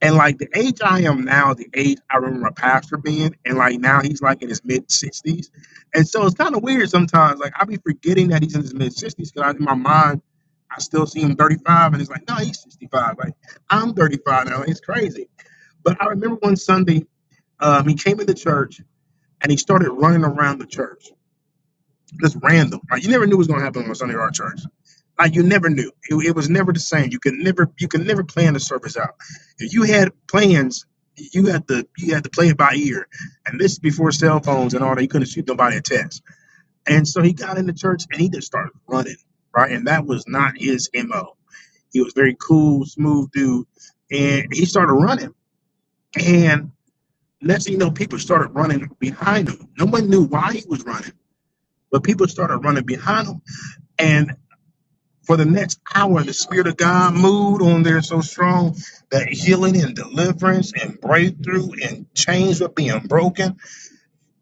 Speaker 1: and like the age I am now, the age I remember my pastor being, and like now he's like in his mid sixties, and so it's kind of weird sometimes. Like I be forgetting that he's in his mid sixties because in my mind I still see him thirty five, and it's like no, he's sixty five. Like I'm thirty five now. It's crazy. But I remember one Sunday um, he came into church and he started running around the church. Just random. Like, you never knew what was gonna happen on a Sunday art church. Like you never knew. It, it was never the same. You could never you could never plan the service out. If you had plans, you had to you had to play it by ear. And this is before cell phones and all that. You couldn't shoot nobody a text. And so he got into church and he just started running. Right. And that was not his MO. He was very cool, smooth dude. And he started running. And next thing you know, people started running behind him. No one knew why he was running, but people started running behind him And for the next hour, the Spirit of God moved on there so strong that healing and deliverance and breakthrough and chains were being broken.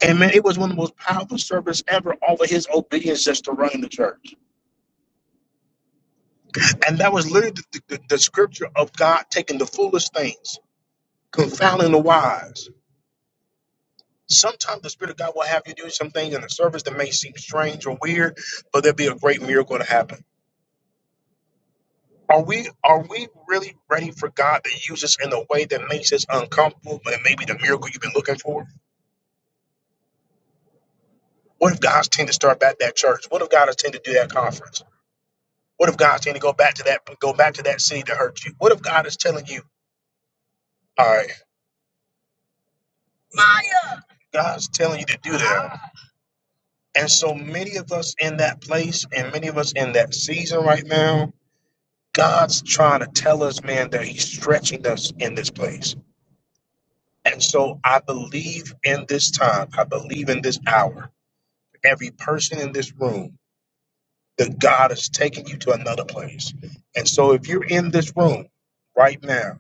Speaker 1: And man, it was one of the most powerful service ever over his obedience just to running the church. And that was literally the, the, the scripture of God taking the foolish things, confounding the wise. Sometimes the Spirit of God will have you do some things in the service that may seem strange or weird, but there'll be a great miracle to happen. Are we are we really ready for God to use us in a way that makes us uncomfortable and maybe the miracle you've been looking for? What if God's tend to start back that church? What if God is tend to do that conference? What if God's tend to go back to that go back to that city to hurt you? What if God is telling you, all right, God's telling you to do that? And so many of us in that place and many of us in that season right now, God's trying to tell us, man, that He's stretching us in this place. And so I believe in this time. I believe in this hour. every person in this room that God is taking you to another place. And so if you're in this room right now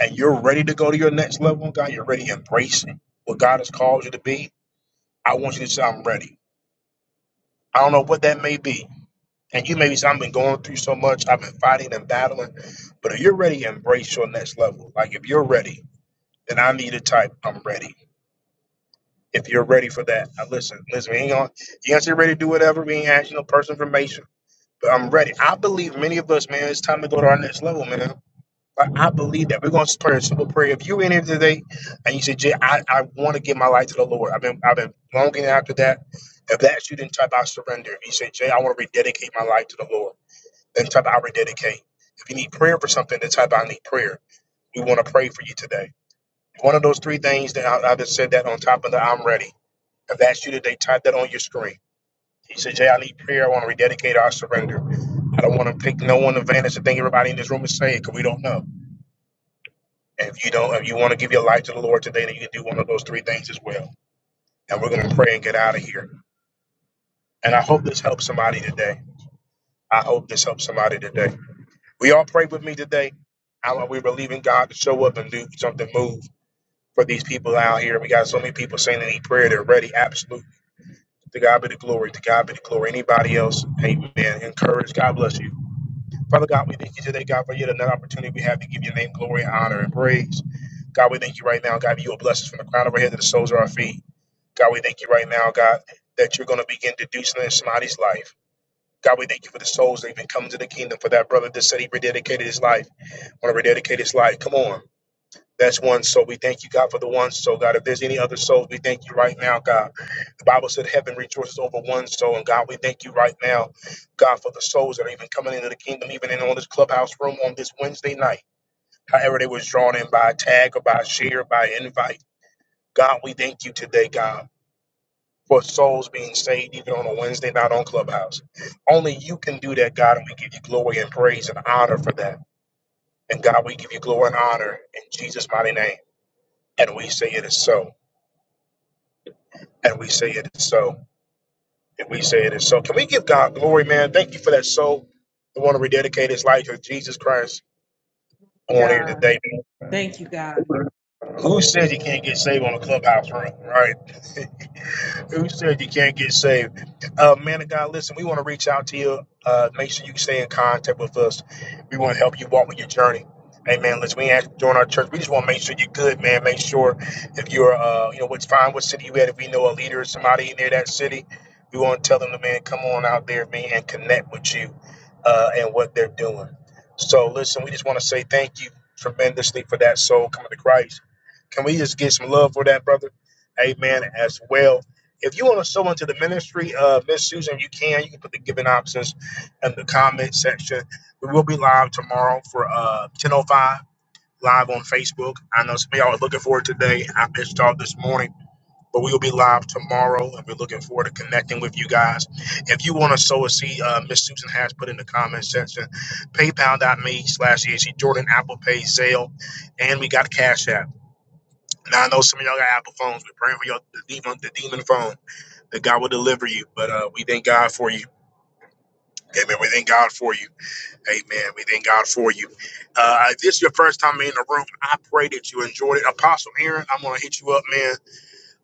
Speaker 1: and you're ready to go to your next level in God, you're ready to embrace what God has called you to be, I want you to say, I'm ready. I don't know what that may be. And you may say, I've been going through so much, I've been fighting and battling. But if you're ready to embrace your next level, like if you're ready, then I need to type, I'm ready. If you're ready for that, now listen, listen, we ain't gonna, you ain't gonna say ready to do whatever, we ain't asking no personal information. But I'm ready. I believe many of us, man, it's time to go to our next level, man. Like, I believe that we're going to pray a simple prayer. If you are in here today and you say, Jay, I, I want to give my life to the Lord, I've been I've been longing after that. If that's you, then type out surrender. If you say, Jay, I want to rededicate my life to the Lord, then type out rededicate. If you need prayer for something, then type out need prayer. We want to pray for you today. One of those three things that I, I just said that on top of the I'm ready. If that's you today, type that on your screen. You say, Jay, I need prayer. I want to rededicate. I surrender. I don't want to take no one advantage to think everybody in this room is saved because we don't know. And if you don't, if you want to give your life to the Lord today, then you can do one of those three things as well. And we're going to pray and get out of here. And I hope this helps somebody today. I hope this helps somebody today. We all pray with me today. How are we believing God to show up and do something, move for these people out here? We got so many people saying they need prayer. They're ready. Absolutely. To God be the glory. To God be the glory. Anybody else? Amen. Encourage. God bless you. Father God, we thank you today, God, for yet another opportunity we have to give your name glory, honor, and praise. God, we thank you right now, God, that you will bless us from the crown of our head to the soles of our feet. God, we thank you right now, God, that you're going to begin to do something in somebody's life. God, we thank you for the souls that even come to the kingdom for that brother that said he rededicated his life. Want to rededicate his life. Come on. That's one soul. We thank you, God, for the one soul, God. If there's any other souls, we thank you right now, God. The Bible said heaven rejoices over one soul. And God, we thank you right now, God, for the souls that are even coming into the kingdom, even in on this clubhouse room on this Wednesday night. However, they was drawn in by a tag or by a share, by invite. God, we thank you today, God, for souls being saved even on a Wednesday night on Clubhouse. Only you can do that, God, and we give you glory and praise and honor for that. And God, we give you glory and honor in Jesus' mighty name. And we say it is so. and we say it is so. And we say it is so. Can we give God glory, man? Thank you for that soul. The one to rededicate his life to Jesus Christ on here today. Who says he can't get saved on a clubhouse room, right? Who said you can't get saved? Uh, man of God, listen, we want to reach out to you. Uh, make sure you stay in contact with us. We want to help you walk with your journey. Hey, man, Listen, we ain't join our church. We just want to make sure you're good, man. Make sure if you're, uh, you know, what's fine, what city you at. If we know a leader or somebody in there that city, we want to tell them, to, man, come on out there, man, and connect with you uh, and what they're doing. So, listen, we just want to say thank you tremendously for that soul coming to Christ. Can we just get some love for that, brother? Amen. As well if you want to sow into the ministry, uh, Miss Susan, you can. You can put the giving options in the comment section. We will be live tomorrow for uh 10:05 live on Facebook. I know some of y'all are looking forward today. I missed y'all this morning, but we will be live tomorrow, and we're looking forward to connecting with you guys. If you want to sow a seed, uh, Miss Susan has put in the comment section, PayPal.me/slash Jordan, Apple Pay, Zelle, and we got Cash App. Now I know some of y'all got Apple phones. We're praying for your the demon, the demon phone that God will deliver you. But uh, we thank God for you. Amen. We thank God for you. Amen. We thank God for you. Uh, if this is your first time in the room, I pray that you enjoyed it. Apostle Aaron, I'm gonna hit you up, man.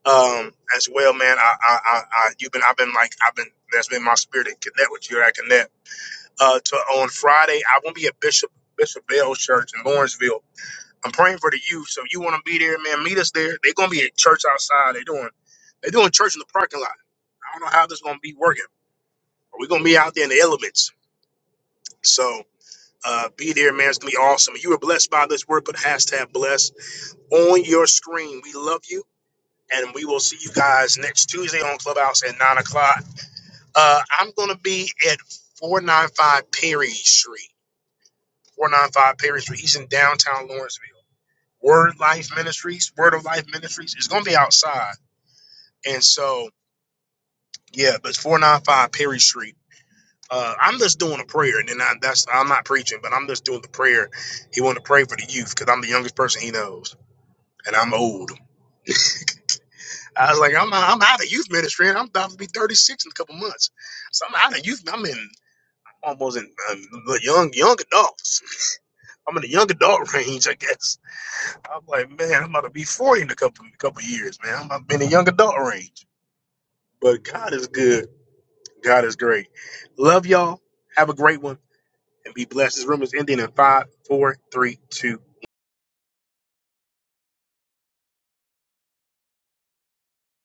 Speaker 1: Um, as well, man. I, I, I, I you've been, I've been like, I've been. That's been my spirit to connect with you. I connect. Uh, to on Friday, I won't be at Bishop Bishop Bell Church in Lawrenceville. I'm praying for the youth. So you want to be there, man? Meet us there. They're gonna be at church outside. They're doing, they're doing church in the parking lot. I don't know how this is gonna be working. We're gonna be out there in the elements. So uh, be there, man. It's gonna be awesome. You were blessed by this word. Put hashtag blessed on your screen. We love you, and we will see you guys next Tuesday on Clubhouse at nine o'clock. Uh, I'm gonna be at four nine five Perry Street. Four nine five Perry Street. He's in downtown Lawrenceville. Word Life Ministries. Word of Life Ministries. It's gonna be outside, and so yeah, but four nine five Perry Street. uh, I'm just doing a prayer, and then I, that's I'm not preaching, but I'm just doing the prayer. He wanted to pray for the youth because I'm the youngest person he knows, and I'm old. I was like, I'm I'm out of youth ministry, and I'm about to be 36 in a couple months, so I'm out of youth. I'm in almost in um, young young adults. I'm in the young adult range, I guess. I'm like, man, I'm about to be 40 in a couple couple years, man. I'm in the young adult range. But God is good. God is great. Love y'all. Have a great one. and be blessed. This room is ending in five, four, three, two,